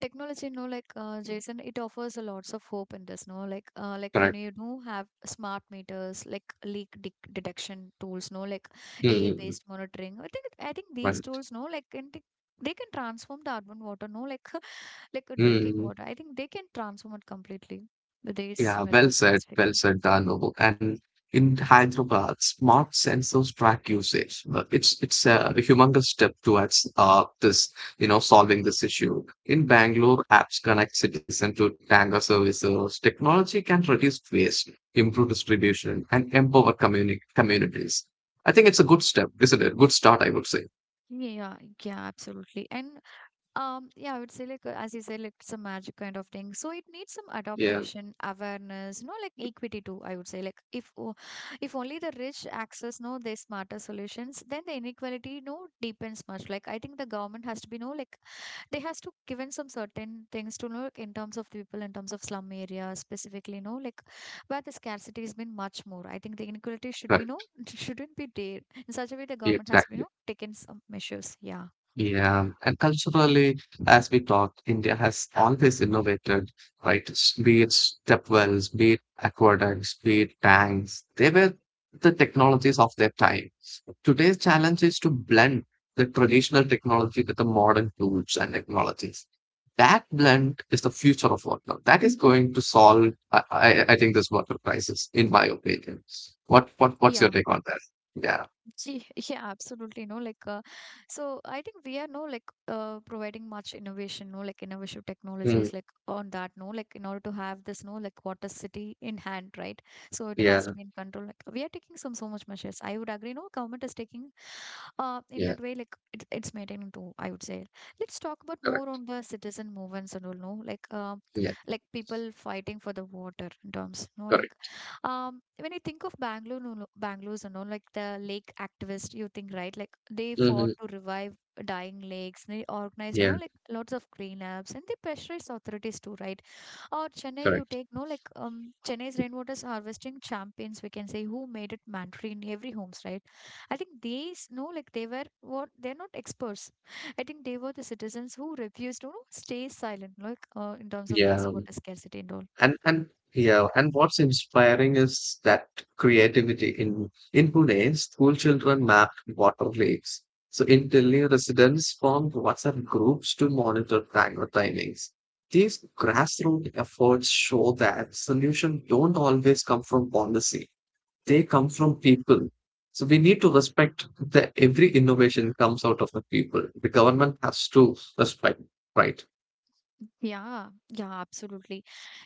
S1: technology, no, like Jason, it offers a lots of hope in this, no, like when
S2: Correct.
S1: you do have smart meters, like leak de detection tools, no, like
S2: Mm,
S1: AI-based monitoring. I think these
S2: right.
S1: tools, no, like can take- they can transform the urban water, no, like like a drinking
S2: Mm.
S1: water. I think they can transform it completely with these
S2: Yeah,
S1: methods
S2: well
S1: specifically.
S2: said, Dano. And in Hyderabad, smart sensors track usage. It's a humongous step towards this, you know, solving this issue. In Bangalore, apps connect citizen to Tanga services. Technology can reduce waste, improve distribution, and empower communities. I think it's a good step, isn't it? Good start, I would say.
S1: Yeah, yeah, absolutely. And yeah, I would say like as you said, like it's a magic kind of thing. So it needs some
S2: Yeah,
S1: adaptation, awareness, you know, like equity too. I would say like if only the rich access, no, their smarter solutions, then the inequality no deepens much. Like I think the government has to be no like they has to given some certain things to know like, in terms of the people in terms of slum areas specifically. No, like where the scarcity has been much more. I think the inequality should be no
S2: correct.
S1: shouldn't be there in such a way. The
S2: Yeah,
S1: government has to be
S2: exactly.
S1: no taken some measures. Yeah.
S2: Yeah, and culturally, as we talked, India has always innovated, right? Be it stepwells, be it aqueducts, be it tanks, they were the technologies of their time. Today's challenge is to blend the traditional technology with the modern tools and technologies. That blend is the future of water. That is going to solve, I think, this water crisis, in my opinion. What's your
S1: Yeah.
S2: take on that? Yeah.
S1: Gee, yeah, absolutely. No, like, so I think we are no like providing much innovation, no, like innovative
S2: Mm,
S1: technologies, like on that, no, like in order to have this, no, like water city in hand, right? So it has
S2: yeah.
S1: to be in control. Like we are taking some so much measures. I would agree. No, government is taking, in
S2: Yeah.
S1: that way, like it's maintaining too. I would say. Let's talk about more
S2: Correct.
S1: on the citizen movements and all. No,
S2: Yeah.
S1: like people fighting for the water in terms. No, like
S2: Correct.
S1: when you think of Bangalore, no, no, Bangalore's and all, like the lake activists, you think, right? Like they fought
S2: Mhm.
S1: to revive dying lakes. They organized,
S2: Yeah,
S1: no, like lots of cleanups, and they pressurized authorities too, right? Or Chennai, you
S2: correct.
S1: take no like Chennai's rainwater harvesting champions, we can say, who made it mandatory in every homes, right? I think these no like they were what they're not experts. I think they were the citizens who refused to you know, stay silent, like in terms of these
S2: Yeah.
S1: water scarcity and all.
S2: And yeah, and what's inspiring is that creativity in Pune, school children mapped water lakes. So in Delhi, residents formed WhatsApp groups to monitor timer timings. These grassroots efforts show that solutions don't always come from policy; they come from people. So we need to respect that every innovation comes out of the people. The government has to respect, right?
S1: Yeah, yeah, absolutely.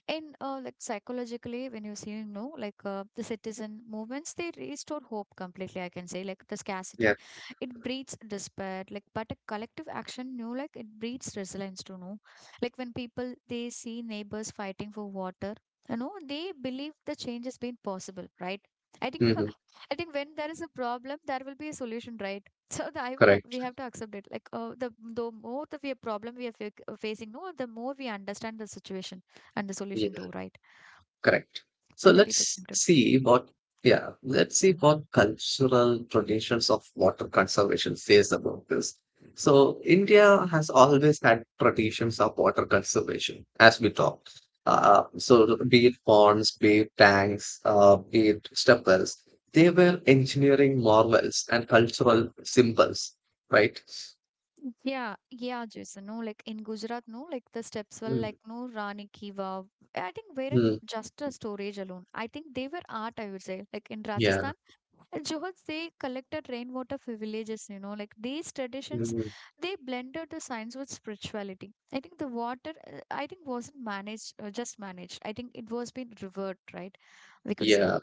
S1: And like psychologically, when you say no, like the citizen movements, they restore hope completely. I can say like the
S2: Yeah.
S1: scarcity, it breeds despair. Like, but a collective action, you know, like it breeds resilience. To know, like when people they see neighbors fighting for water, you know, they believe the change has been possible, right? I think
S2: Hmm.
S1: I think when there is a problem, there will be a solution, right? So the, I would we
S2: Correct.
S1: have to accept it. Like the more the we problem we are facing, no, the more we understand the situation and the solution too, right?
S2: Correct. So
S1: And the people come to
S2: yeah, let's see what cultural traditions of water conservation says about this. So India has always had traditions of water conservation, as we talked. So be it ponds, be it tanks, be it step wells, they were engineering marvels and cultural symbols, right?
S1: Yeah, yeah, Jason. No, like in Gujarat, no, like the steps were
S2: Mm,
S1: like no Rani Ki Vav. I think weren't
S2: mm,
S1: just a storage alone. I think they were art, I would say. Like in
S2: yeah.
S1: Rajasthan, and Johans, they collected rainwater for villages, you know, like these traditions,
S2: Mm,
S1: they blended the science with spirituality. I think the water, I think wasn't managed, just managed. I think it was being revered, right? We could say.
S2: yeah.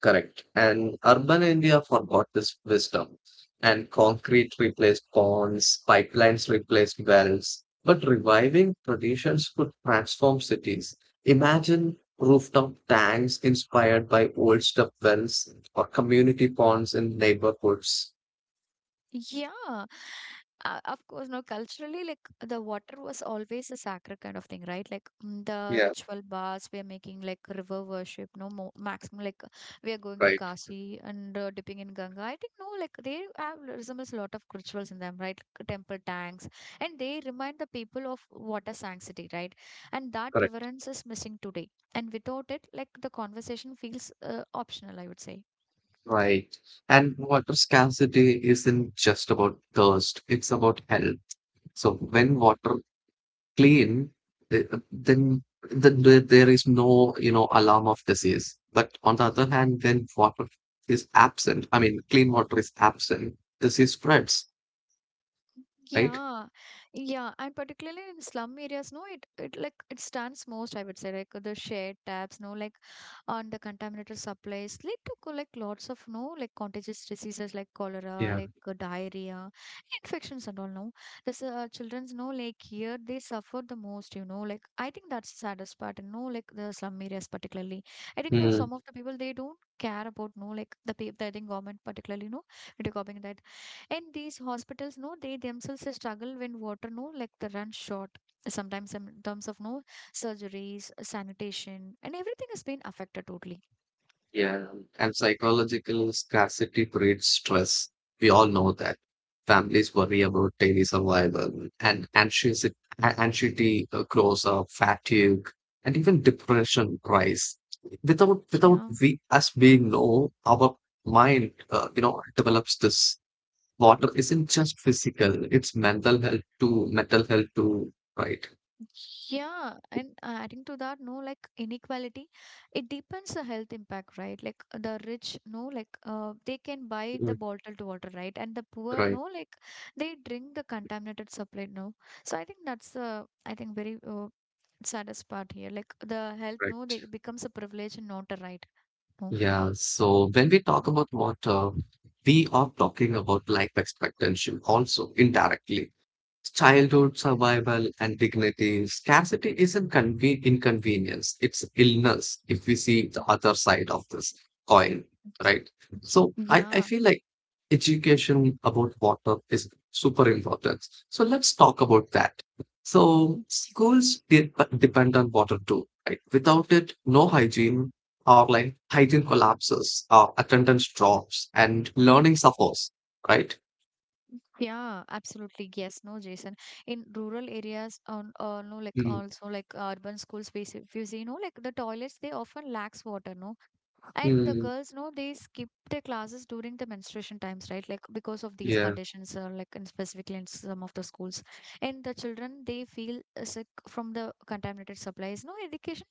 S2: Correct. And urban India forgot this wisdom. And concrete replaced ponds, pipelines replaced wells. But reviving traditions could transform cities. Imagine rooftop tanks inspired by old step wells or community ponds in neighborhoods.
S1: Yeah, of course, no, culturally, like the water was always a sacred kind of thing, right? Like the
S2: Yeah,
S1: ritual baths, we are making like river worship, no more maximum, like we are going to
S2: right.
S1: Kashi and dipping in Ganga. I think, no, like they have resembles a lot of rituals in them, right? Like, temple tanks, and they remind the people of water sanctity, right? And that
S2: Correct.
S1: reverence is missing today and without it like the conversation feels optional, I would say.
S2: Right. And water scarcity isn't just about thirst, it's about health. So when water clean, then there is no, you know, alarm of disease. But on the other hand, when water is absent, I mean, clean water is absent, disease spreads, right?
S1: Yeah, yeah, and particularly in slum areas, no, it like it stands most, I would say, like the shared taps, no, like on the contaminated supplies lead to like lots of no, like contagious diseases like cholera,
S2: Yeah.
S1: like diarrhea, infections and all. No, this children's no, like here they suffer the most. You know, like I think that's the saddest part. And no, like the slum areas particularly. I think no,
S2: Hmm.
S1: some of the people they don't care about no, like the people. I think government particularly no, and these hospitals, no, they themselves they struggle when water, no, like the runs short. Sometimes in terms of no surgeries, sanitation, and everything has been affected totally.
S2: Yeah, and psychological scarcity breeds stress. We all know that. Families worry about daily survival, and anxiety grows up, fatigue, and even depression rise. Without
S1: Yeah.
S2: we us being know, our mind, you know, develops this. Water isn't just physical; it's mental health too. Mental health too, right?
S1: Yeah, and adding to that, no, like inequality, it deepens the health impact, right? Like the rich, no, like they can buy the
S2: Mm,
S1: bottled water, right? And the poor,
S2: right,
S1: no, like they drink the contaminated supply, no. So I think that's I think very saddest part here. Like the health, no,
S2: right.
S1: they becomes a privilege and not a right, no.
S2: Yeah, so when we talk about water, we are talking about life expectancy also indirectly. Childhood survival and dignity. Scarcity isn't inconvenience, it's illness if we see the other side of this coin, right? So I
S1: Yeah.
S2: feel like education about water is super important. So let's talk about that. So schools depend on water too, right? Without it, no hygiene or like hygiene collapses or attendance drops and learning suffers, right?
S1: Yeah, absolutely. Yes, no, Jason. In rural areas, on no, like
S2: Mm,
S1: also like urban schools, if you see, no, like the toilets, they often lacks water, no, and the
S2: mm,
S1: girls, no, they skip their classes during the menstruation times, right? Like because of these
S2: yeah.
S1: conditions, like in specifically in some of the schools, and the children they feel sick from the contaminated supplies. No, education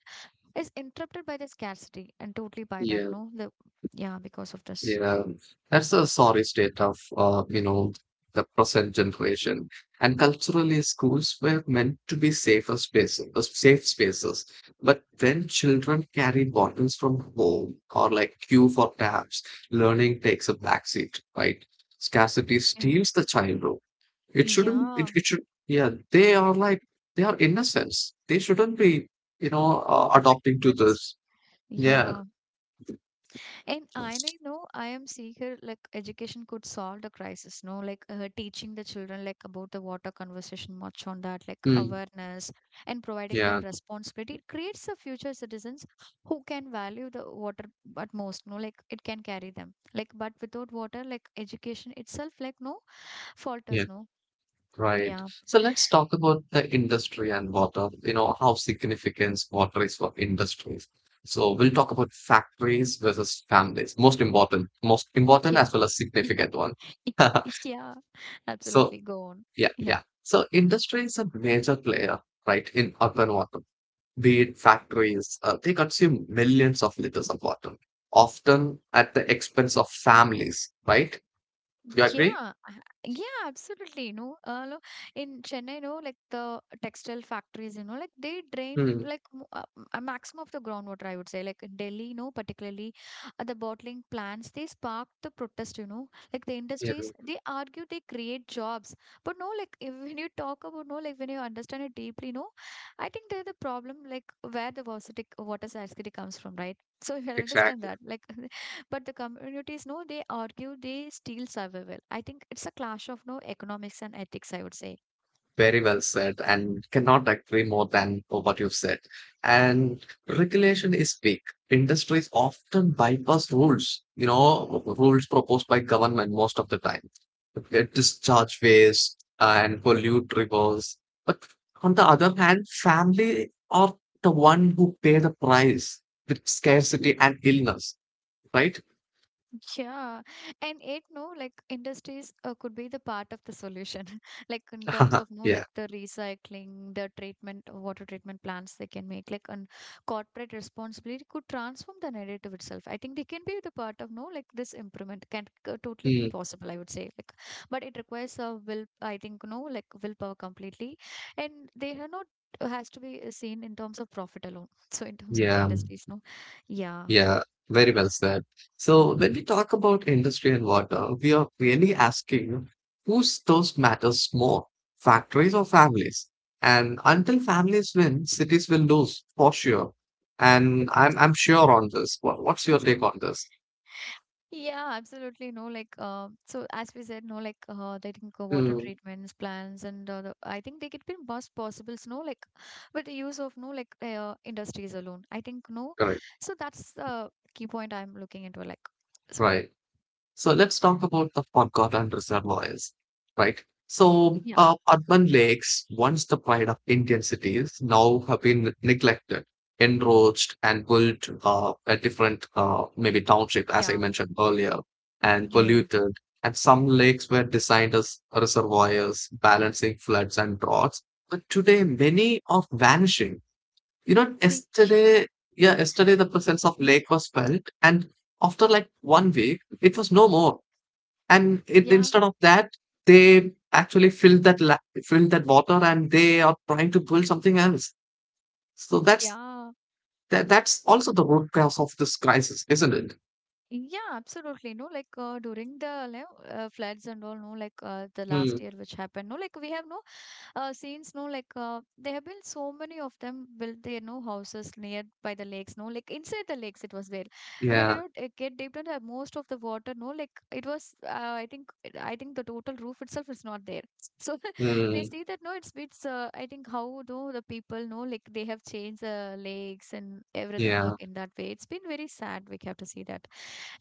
S1: is interrupted by the scarcity, and totally by that,
S2: Yeah.
S1: no, the yeah, because of this,
S2: Yeah, that's a sorry state of, you know, the present generation. And culturally, schools were meant to be safer spaces, safe spaces. But when children carry bottles from home or like queue for taps, learning takes a backseat, right? Scarcity
S1: yeah,
S2: steals the childhood. It shouldn't,
S1: yeah,
S2: it should, yeah, they are like, they are innocents. They shouldn't be, adopting
S1: affected by
S2: to
S1: this,
S2: this. Yeah.
S1: yeah. And I don't know I am seeker like education could solve the crisis, no? Like teaching the children like about the water conversation, much on that, like
S2: Mm,
S1: awareness and providing them
S2: yeah.
S1: responsibility. It creates the future citizens who can value the water at most, no? Like it can carry them. Like but without water, like education itself, like no
S2: Yeah.
S1: falters, no?
S2: Right.
S1: Yeah,
S2: So let's talk about the industry and water, you know, how significant water is for industries. So we'll talk about factories versus families. Most important
S1: yeah,
S2: as well as significant one.
S1: yeah,
S2: So
S1: absolutely. Go on.
S2: yeah,
S1: Yeah.
S2: yeah. So industry is a major player, right, in urban water. Be it factories, they consume millions of liters of water, often at the expense of families, right? Do you
S1: Yeah,
S2: agree?
S1: yeah, absolutely. You know, in Chennai, you know, like the textile factories, you know, like they drain
S2: Hmm.
S1: like a maximum of the groundwater, I would say. Like in Delhi, you know, particularly the bottling plants, they sparked the protest, you know, like the
S2: Yeah,
S1: industries, they argue they create jobs. But no, like if, when you talk about, no, like when you understand it deeply, no, I think they're the problem, like where the varsity, water scarcity comes from, right? So if you can understand
S2: exactly.
S1: that, like but the communities, no, they argue they steal survival. I think it's a clash of no economics and ethics, I would say.
S2: Very well said, and cannot agree more than what you've said. And regulation is big. Industries often bypass rules, you know, rules proposed by government most of the time. They discharge waste and pollute rivers. But on the other hand, family are the one who pay the price with scarcity and illness, right?
S1: Yeah, and it no like industries could be the part of the solution, like in terms of no
S2: Yeah.
S1: like the recycling, the treatment, water treatment plants they can make, like and corporate responsibility could transform the narrative itself. I think they can be the part of no like this improvement can totally be
S2: Mm,
S1: possible. I would say like, but it requires a will. I think no like willpower completely, and they are not has to be seen in terms of profit alone. So in terms of the
S2: yeah.
S1: industries, no, yeah.
S2: Yeah, very well said. So when we talk about industry and water, we are really asking whose those matters more, factories or families? And until families win, cities will lose for sure. And I'm sure on this. What's your take on this?
S1: Yeah, absolutely. No, like, so as we said, no, like, I think water
S2: Mm,
S1: treatments, plants, and I think they could be most possibles, no, like, with the use of no, like, industries alone. I think no.
S2: correct,
S1: So that's the key point I'm looking into, like, so
S2: right. So let's talk about the forgotten reservoirs, right? So
S1: yeah.
S2: urban lakes, once the pride of Indian cities, now have been neglected, enroached, and built a different, maybe township, as I
S1: Yeah,
S2: mentioned earlier, and
S1: yeah,
S2: polluted. And some lakes were designed as reservoirs, balancing floods and droughts. But today, many are vanishing. You know,
S1: yeah,
S2: yesterday, yeah, yesterday the presence of lake was felt, and after like 1 week, it was no more and it,
S1: yeah,
S2: instead of that they actually fill that filled that water and they are trying to build something else so that's
S1: yeah.
S2: that's also the root cause of this crisis, isn't it?
S1: Yeah, absolutely. No, like during the like, floods and all, no, like the last
S2: Hmm.
S1: year which happened, no, like we have no scenes, no, like there have been so many of them built their no houses near by the lakes, no, like inside the lakes it was there. When you
S2: Yeah.
S1: know get deep into the- most of the water, no, like it was, I think the total roof itself is not there. So when I
S2: Hmm.
S1: see that, no, it's I think how though the people know like they have changed the lakes and everything
S2: Yeah.
S1: like in that way. It's been very sad. We have to see that.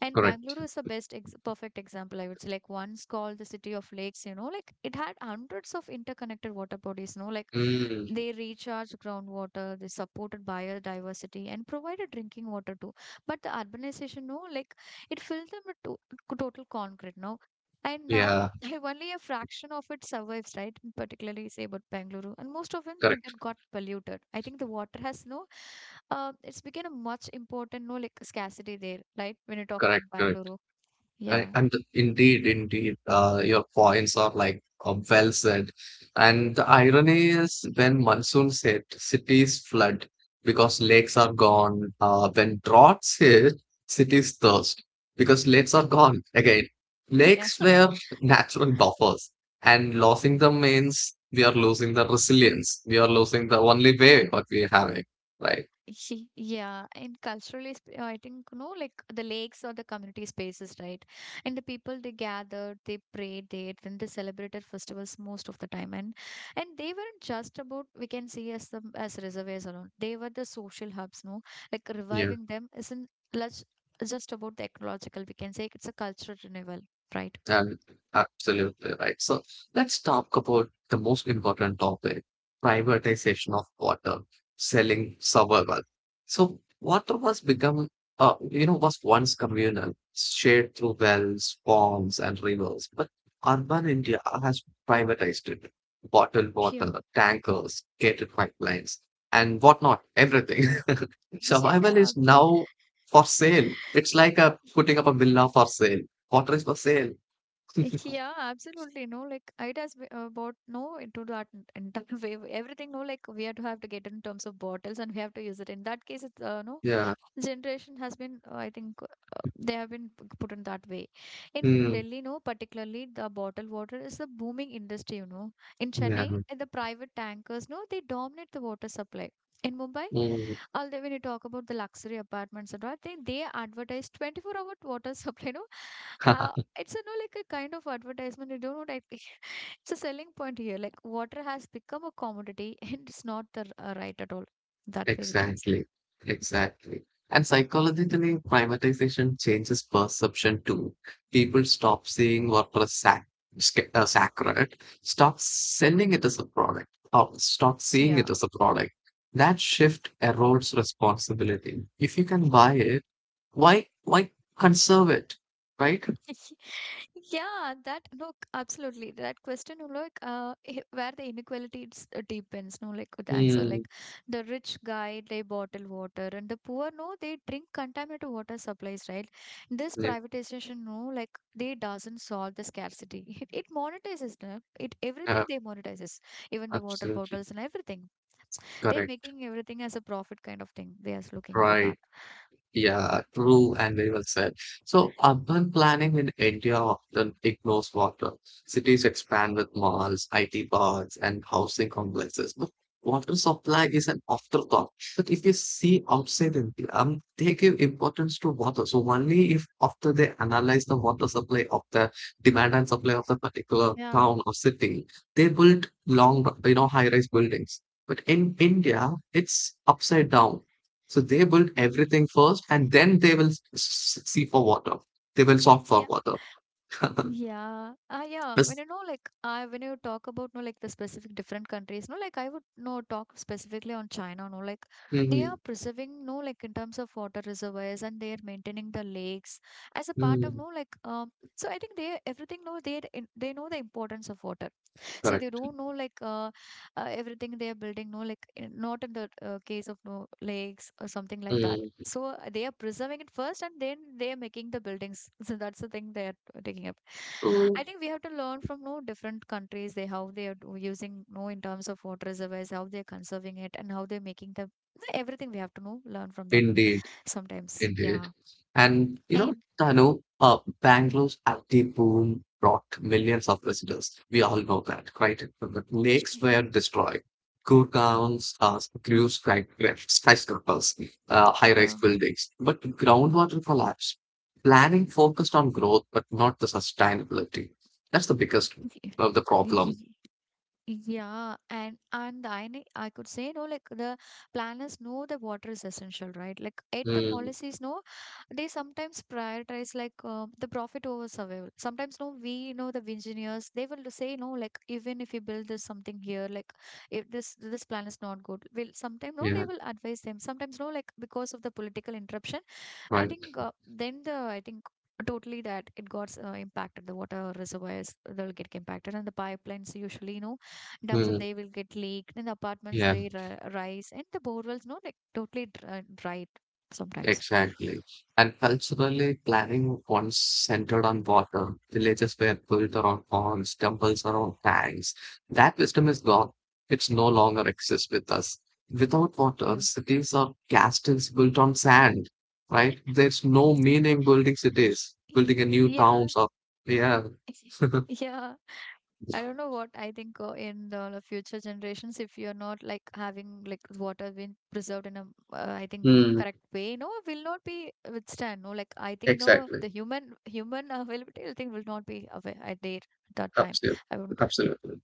S1: And
S2: Correct.
S1: Bangalore is the perfect example, I would say. Like once called the city of lakes, you know, like it had hundreds of interconnected water bodies, you know, like
S2: Hmm.
S1: they recharge groundwater, they supported biodiversity and provided drinking water too. But the urbanization, no, like it filled them with total concrete, no. And now
S2: Yeah.
S1: I only a fraction of it survives, right? Particularly say about Bengaluru, and most of them like
S2: Correct,
S1: that got polluted. I think the water has no, it's become a much important no like scarcity there, right? When you talk about
S2: correct, correct.
S1: Bengaluru, yeah,
S2: And indeed, indeed, your points are like well said. And the irony is when monsoons hit, cities flood because lakes are gone. When droughts hit, cities thirst because lakes are gone. Again,
S1: yeah.
S2: lakes were natural buffers, and losing them means we are losing the resilience. We are losing the only way what we are having, right?
S1: He, yeah, and culturally, I think, you know, like the lakes or the community spaces, right? And the people they gathered, they prayed, they ate, and they celebrated festivals most of the time. And they weren't just about we can see as the as reservoirs alone. They were the social hubs, no? Like reviving them isn't less just about the ecological. We can say it's a cultural renewal, right?
S2: And absolutely right. So let's talk about the most important topic, privatization of water, selling survival. So water was become, you know, was once communal, shared through wells, ponds, and rivers. But urban India has privatized it. Bottled
S1: Yeah.
S2: water, tankers, gated pipelines, and whatnot, everything. Survival
S1: yeah,
S2: is
S1: absolutely.
S2: now for sale. It's like a,
S1: Y
S2: putting up a villa for sale. Water is for sale.
S1: yeah, absolutely. No, like it has bought no into that entire way. Everything, no, like we have to get in terms of bottles and we have to use it. In that case, it's no
S2: Yeah.
S1: generation has been, I think, they have been put in that way. In
S2: Mm,
S1: Delhi, no, particularly the bottled water is a booming industry. You know, in
S2: yeah,
S1: Chennai, the private tankers, no, they dominate the water supply. In Mumbai,
S2: mm,
S1: although when you talk about the luxury apartments and all, they advertise 24-hour water supply, no, Uh, it's a no like a kind of advertisement you don't know like it's a selling point here like water has become a commodity and it's not the right at all that way we can say
S2: exactly, exactly. And psychologically, privatization changes perception too. People stop seeing work as sacred, stop selling it as a product, or stop seeing
S1: yeah.
S2: it as a product. That shift erodes responsibility. If you can buy it, why conserve it, right?
S1: Yeah, that no, absolutely. That question, no, like where the inequality it's, deepens, no, like with the answer,
S2: Mm,
S1: like the rich guy they bottle water and the poor, no, they drink contaminated water supplies, right? This
S2: yeah,
S1: privatization, no, like they doesn't solve the scarcity. It monetizes them. It everything
S2: uh,
S1: they monetizes, even the water
S2: absolutely
S1: bottles and everything. They're
S2: correct,
S1: making everything as a profit kind of thing. They are looking into
S2: right.
S1: that.
S2: Yeah, true and very well said. So urban planning in India often ignores water. Cities expand with malls, IT parks, and housing complexes. But water supply is an afterthought. But if you see outside India, they give importance to water. So only if after they analyze the water supply of the demand and supply of the particular
S1: Yeah.
S2: town or city, they build long, you know, high-rise buildings. But in India, it's upside down so they build everything first, and then they will see for water. They will shop for
S1: Yeah,
S2: water.
S1: yeah. Ah, yeah. When
S2: Yes.
S1: you know, like, I when you talk about, no, like the specific different countries, no, like I would no talk specifically on China, no, like they are
S2: Mhm.
S1: preserving, no, like in terms of water reservoirs and they are maintaining the lakes as a part of,
S2: Mm.
S1: no, like. So I think they everything, know they they know the importance of water. So they
S2: Correct.
S1: don't know like everything they are building, no, like not in the case of no lakes or something like that.
S2: Mm.
S1: So they are preserving it first, and then they are making the buildings. So that's the thing they are taking up.
S2: Oh,
S1: I think we have to learn from no different countries. They how they are using no in terms of water reservoirs, how they're conserving it, and how they're making them. So, everything we have to know learn from them
S2: indeed.
S1: sometimes.
S2: Indeed.
S1: Yeah,
S2: And you know,
S1: and
S2: Tanu, Bangalore's IT boom brought millions of visitors. We all know that, right? But lakes were destroyed. Gurgaon's grew skyscrapers, high-rise
S1: yeah.
S2: buildings, but groundwater collapsed. Planning focused on growth, but not the sustainability. That's the biggest of the problem.
S1: Yeah, and I could say no, like the planners know the water is essential, right? Like at the
S2: Mm,
S1: policies, no, they sometimes prioritize like the profit over survival. Sometimes no, we know the engineers they will say no, like even if you build this something here, like if this plan is not good, will sometimes no, they
S2: yeah,
S1: will advise them. Sometimes no, like because of the political interruption, I
S2: right.
S1: think then the I think totally that it got impacted. The water reservoirs they'll get impacted, and the pipelines usually you know dumps of
S2: Mm,
S1: they will get leaked in the apartments
S2: yeah.
S1: they rise and the borewells no like totally dried sometimes,
S2: Exactly. And culturally, planning once centered on water. Villages were built around ponds, temples around tanks. That wisdom is gone. It's no longer exists with us. Without water,
S1: yeah.
S2: cities are castles built on sand, right? There's no meaning building cities, building a new
S1: Yeah,
S2: towns or yeah.
S1: yeah, I don't know what I think in the future generations if you're not like having like water being preserved in a I think
S2: Hmm,
S1: correct way no will not be withstand no like I think no
S2: exactly.
S1: the human availability I think will not be aware there at that time
S2: Absolutely.
S1: I would.
S2: Absolutely.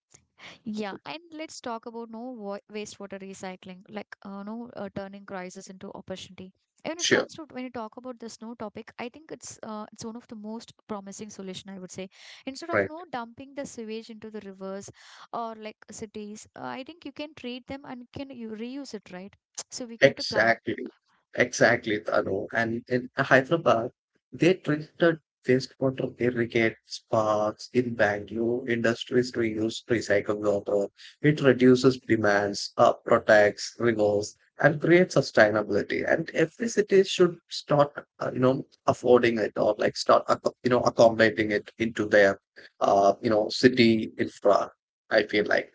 S1: Yeah, and let's talk about no wastewater recycling, like no turning crisis into opportunity. And when it
S2: Sure.
S1: comes to when you talk about this no topic, I think it's one of the most promising solution I would say. Instead of
S2: Right.
S1: no dumping the sewage into the rivers or like cities, I think you can treat them and can you reuse it, right? So we have to plan.
S2: Exactly, exactly, Tanu. And in Hyderabad, they treated wastewater irrigate parks in Bangalore, industries reuse recycled water. It reduces demands, protects rivers, and creates sustainability. And every city should start, you know, affording it or like start, you know, accommodating it into their, you know, city infra. I feel like.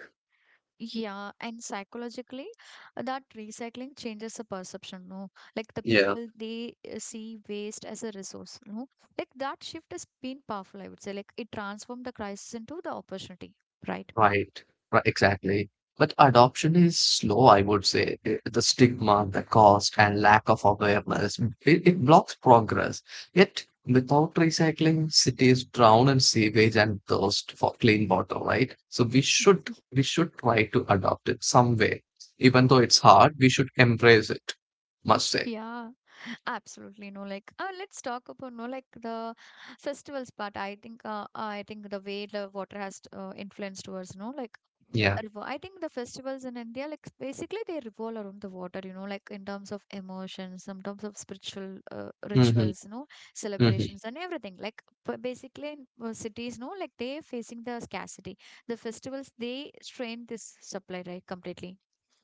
S1: Yeah, and psychologically, that recycling changes the perception, no? Like the
S2: Yeah.
S1: people, they see waste as a resource, no? Like that shift has been powerful, I would say. Like it transformed the crisis into the opportunity, right?
S2: Right, right, exactly. But adoption is slow, I would say. The stigma, the cost, and lack of awareness, it blocks progress. Yet, without recycling, cities drown in sewage and thirst for clean water, right? So we should try to adopt it some way. Even though it's hard, we should embrace it, must say.
S1: Yeah. Absolutely no, like let's talk about no, like the festivals part. I think the way the water has influenced towards no, like
S2: Yeah.
S1: I think the festivals in India, like basically they revolve around the water, you know, like in terms of emotions, in terms of spiritual
S2: Mm-hmm.
S1: rituals, you know,
S2: Mm-hmm.
S1: celebrations and everything. Like basically in cities, no, like they're facing the scarcity. The festivals, they strain this supply, right, completely.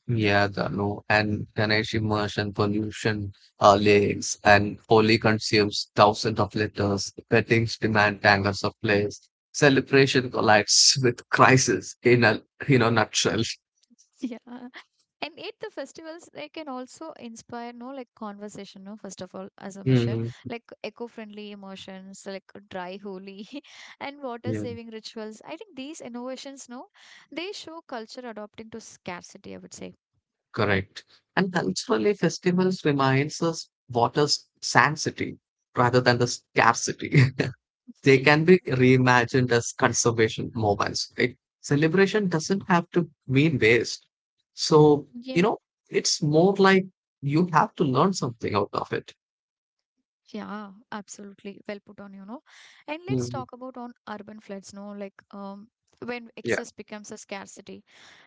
S2: Yeah, Danu, and Ganesh immersion pollution lakes and only consumes thousands of liters. Weddings demand tankers of place. Celebration collides with crisis in a you know nutshell.
S1: Yeah. And it the festivals they can also inspire no like conversation, no, first of all, as a measure.
S2: Mm,
S1: Like eco-friendly emotions, like dry holy and water
S2: yeah,
S1: saving rituals. I think these innovations, no, they show culture adopting to scarcity, I would say.
S2: correct. And culturally, festivals reminds us water's sanctity rather than the scarcity. They can be reimagined as conservation moments, right? Celebration doesn't have to mean waste. So, you
S1: Yeah,
S2: know, it's more like you have to learn something out of it.
S1: yeah, absolutely. Well put on, you know. And let's
S2: Mhm.
S1: talk about on urban floods, no, like when
S2: Yeah.
S1: excess becomes a scarcity.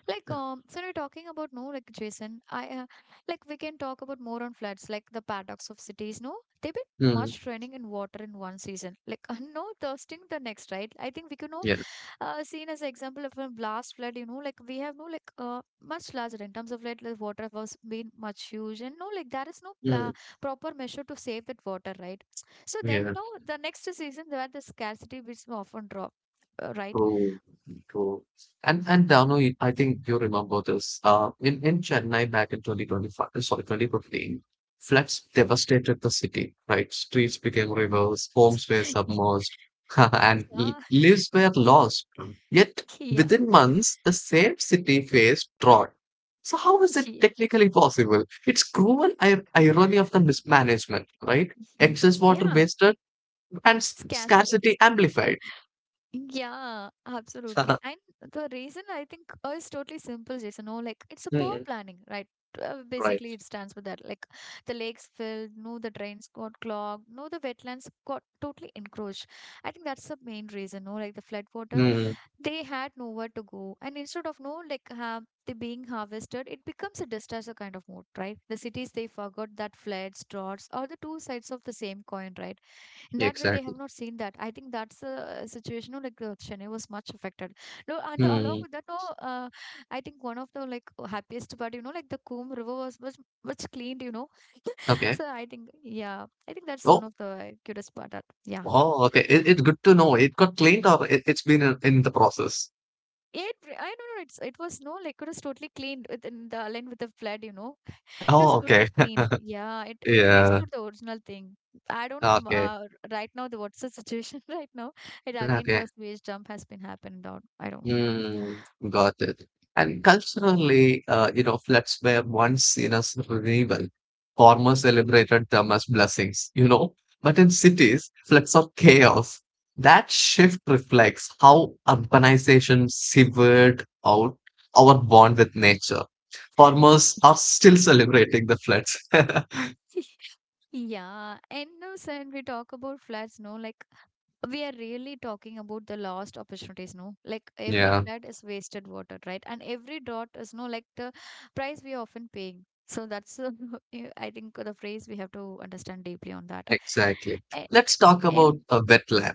S1: Like, so we're talking about no, like Jason, I like we can talk about more on floods, like the paradox of cities. No, they've been
S2: Mm.
S1: much drowning in water in one season, like no thirsting the next, right? I think we could know
S2: Yeah.
S1: seen as example of a last flood. You know, like we have no like much larger in terms of like the water was been much huge, and no like there is no pla
S2: Mm.
S1: proper measure to save that water, right? So then
S2: Yeah.
S1: no, the next season where the scarcity will often drop, right?
S2: True, true. And Dano, I think you remember this. In Chennai back in 2025, sorry, 2015, floods devastated the city, right? Streets became rivers, homes were
S1: Yeah.
S2: submerged, and
S1: Yeah,
S2: lives were lost. Yet
S1: yeah,
S2: within months, the same city faced drought. So how is it
S1: Gee.
S2: technically possible? It's cruel ir irony of the mismanagement, right?
S1: Ye-
S2: Excess water
S1: Yeah,
S2: wasted and
S1: scarcity.
S2: scarcity amplified.
S1: Yeah, absolutely. And the reason I think is totally simple, Jason. No, like it's a poor
S2: Hmm,
S1: planning, right? Basically,
S2: right.
S1: it stands for that. Like the lakes filled, no, the drains got clogged, no, the wetlands got totally encroached. I think that's the main reason. No, like the flood water
S2: Mm,
S1: they had nowhere to go, and instead of no like have they being harvested, it becomes a disaster kind of mode, right? The cities, they forgot that floods, droughts are the two sides of the same coin, right? In that way they
S2: exactly.
S1: have not seen that. I think that's a situation, you know, like Chennai was much affected, no, and along
S2: Mm,
S1: with that, no I think one of the like happiest part, you know, like the Coom river was much much cleaned, you know.
S2: okay.
S1: So I think yeah, I think that's
S2: Oh,
S1: one of the cutest part that yeah.
S2: oh, okay. It's good to know. It got cleaned or it's been in the process.
S1: It, I don't know. It's it was no like it was totally cleaned with in the line with the blood. You know, it was
S2: Oh,
S1: totally
S2: okay.
S1: clean. Yeah, it
S2: Yeah.
S1: restored the original thing. I don't know.
S2: Okay.
S1: Right now, the what's the situation right now? It again
S2: Okay.
S1: the space jump has been happened out. I don't know.
S2: Mm, got it. And culturally, you know, floods were once seen as renewal. Farmers celebrated them as blessings, you know. But in cities, floods are chaos. That shift reflects how urbanization severed out our bond with nature. Farmers are still celebrating the floods.
S1: Yeah, and no, sir, and we talk about floods. No, like we are really talking about the lost opportunities, no, like every
S2: Yeah,
S1: flood is wasted water, right? And every dot is no like the price we are often paying. So that's yeah, I think the phrase we have to understand deeply on that.
S2: exactly.
S1: A-
S2: Let's talk about
S1: and
S2: a wetland.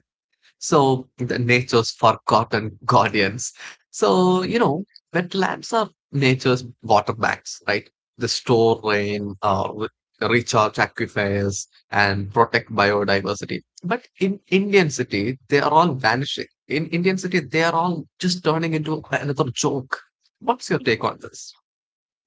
S2: So the nature's forgotten guardians. So, you know, wetlands are nature's water banks, right? They store
S1: yeah,
S2: rain, recharge aquifers, and protect biodiversity. But in Indian city, they are all vanishing. In Indian city, they are all just turning into another joke. What's your
S1: yeah.
S2: take on this?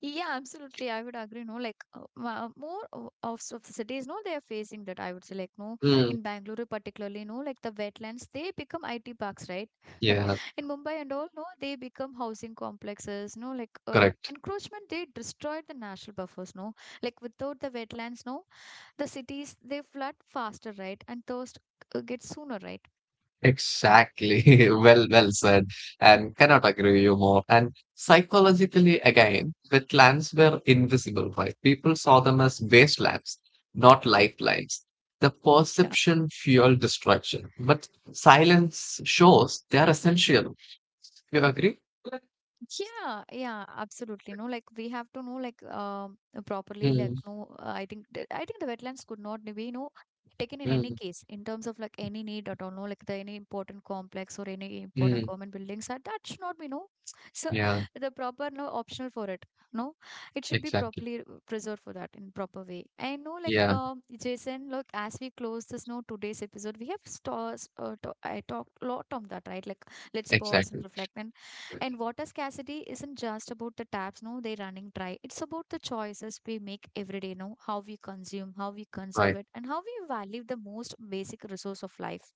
S1: Yeah, absolutely. I would agree. No, like of the cities, no, they are facing that. I would say, like, no,
S2: Mm,
S1: in Bangalore, particularly, no, like the wetlands, they become IT parks, right? Right.
S2: yeah,
S1: In Mumbai and all, no, they become housing complexes, no, like
S2: correct.
S1: encroachment, they destroyed the national buffers, no, like without the wetlands, no, the cities, they flood faster, right? And thirst gets sooner, right?
S2: Exactly. Well, well said. And cannot agree with you more. And psychologically, again, wetlands were invisible, right? People saw them as wastelands, not lifelines. The perception fueled destruction, but silence shows they are essential. You agree?
S1: Yeah, yeah, absolutely. No, like we have to know like properly like
S2: Mm,
S1: no I think I think the wetlands could not be no taken in any
S2: mm,
S1: case in terms of like any need at all, no like the any important complex or any important
S2: mm.
S1: government buildings, that that should not be no. So
S2: Yeah,
S1: the proper no optional for it, no, it should be
S2: exactly.
S1: properly preserved for that in proper way. I know, like
S2: Yeah,
S1: Jason look, as we close this no today's episode, we have stores I talked a lot on that, right? Like let's pause and
S2: exactly.
S1: reflect, and water scarcity isn't just about the taps, no, they're running dry. It's about the choices we make every day, no, how we consume, how we conserve
S2: Right.
S1: it, and how we value the most basic resource of life.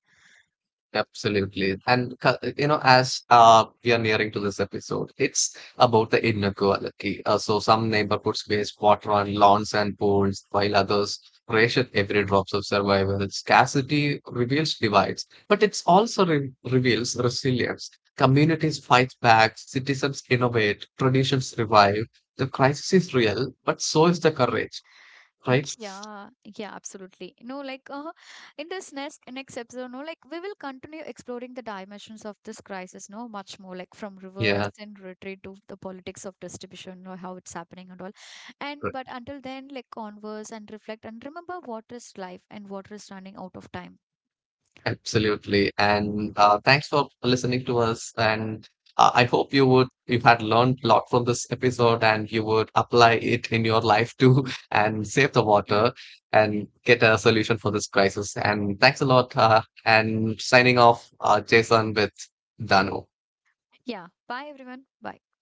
S2: Absolutely. And, you know, as we are nearing to this episode, it's about the inequality. So some neighborhoods waste water on lawns and pools, while others ration every drops of survival. Scarcity reveals divides, but it's also reveals resilience. Communities fight back, citizens innovate, traditions revive. The crisis is real, but so is the
S1: Yeah.
S2: courage, right?
S1: Yeah, yeah, absolutely. No, like in this next episode, no, like we will continue exploring the dimensions of this crisis, no, much more like from reverse
S2: Yeah.
S1: and retreat to the politics of distribution, or how it's happening and all. And but until then, like converse and reflect and remember what is life and what is running out of time.
S2: Absolutely. And thanks for listening to us. And I hope you would, you've had learned a lot from this episode and you would apply it in your life too and save the
S1: Yeah,
S2: water and get a solution for this crisis. And thanks a lot. And signing off, Jason with Danu.
S1: yeah. Bye, everyone. Bye.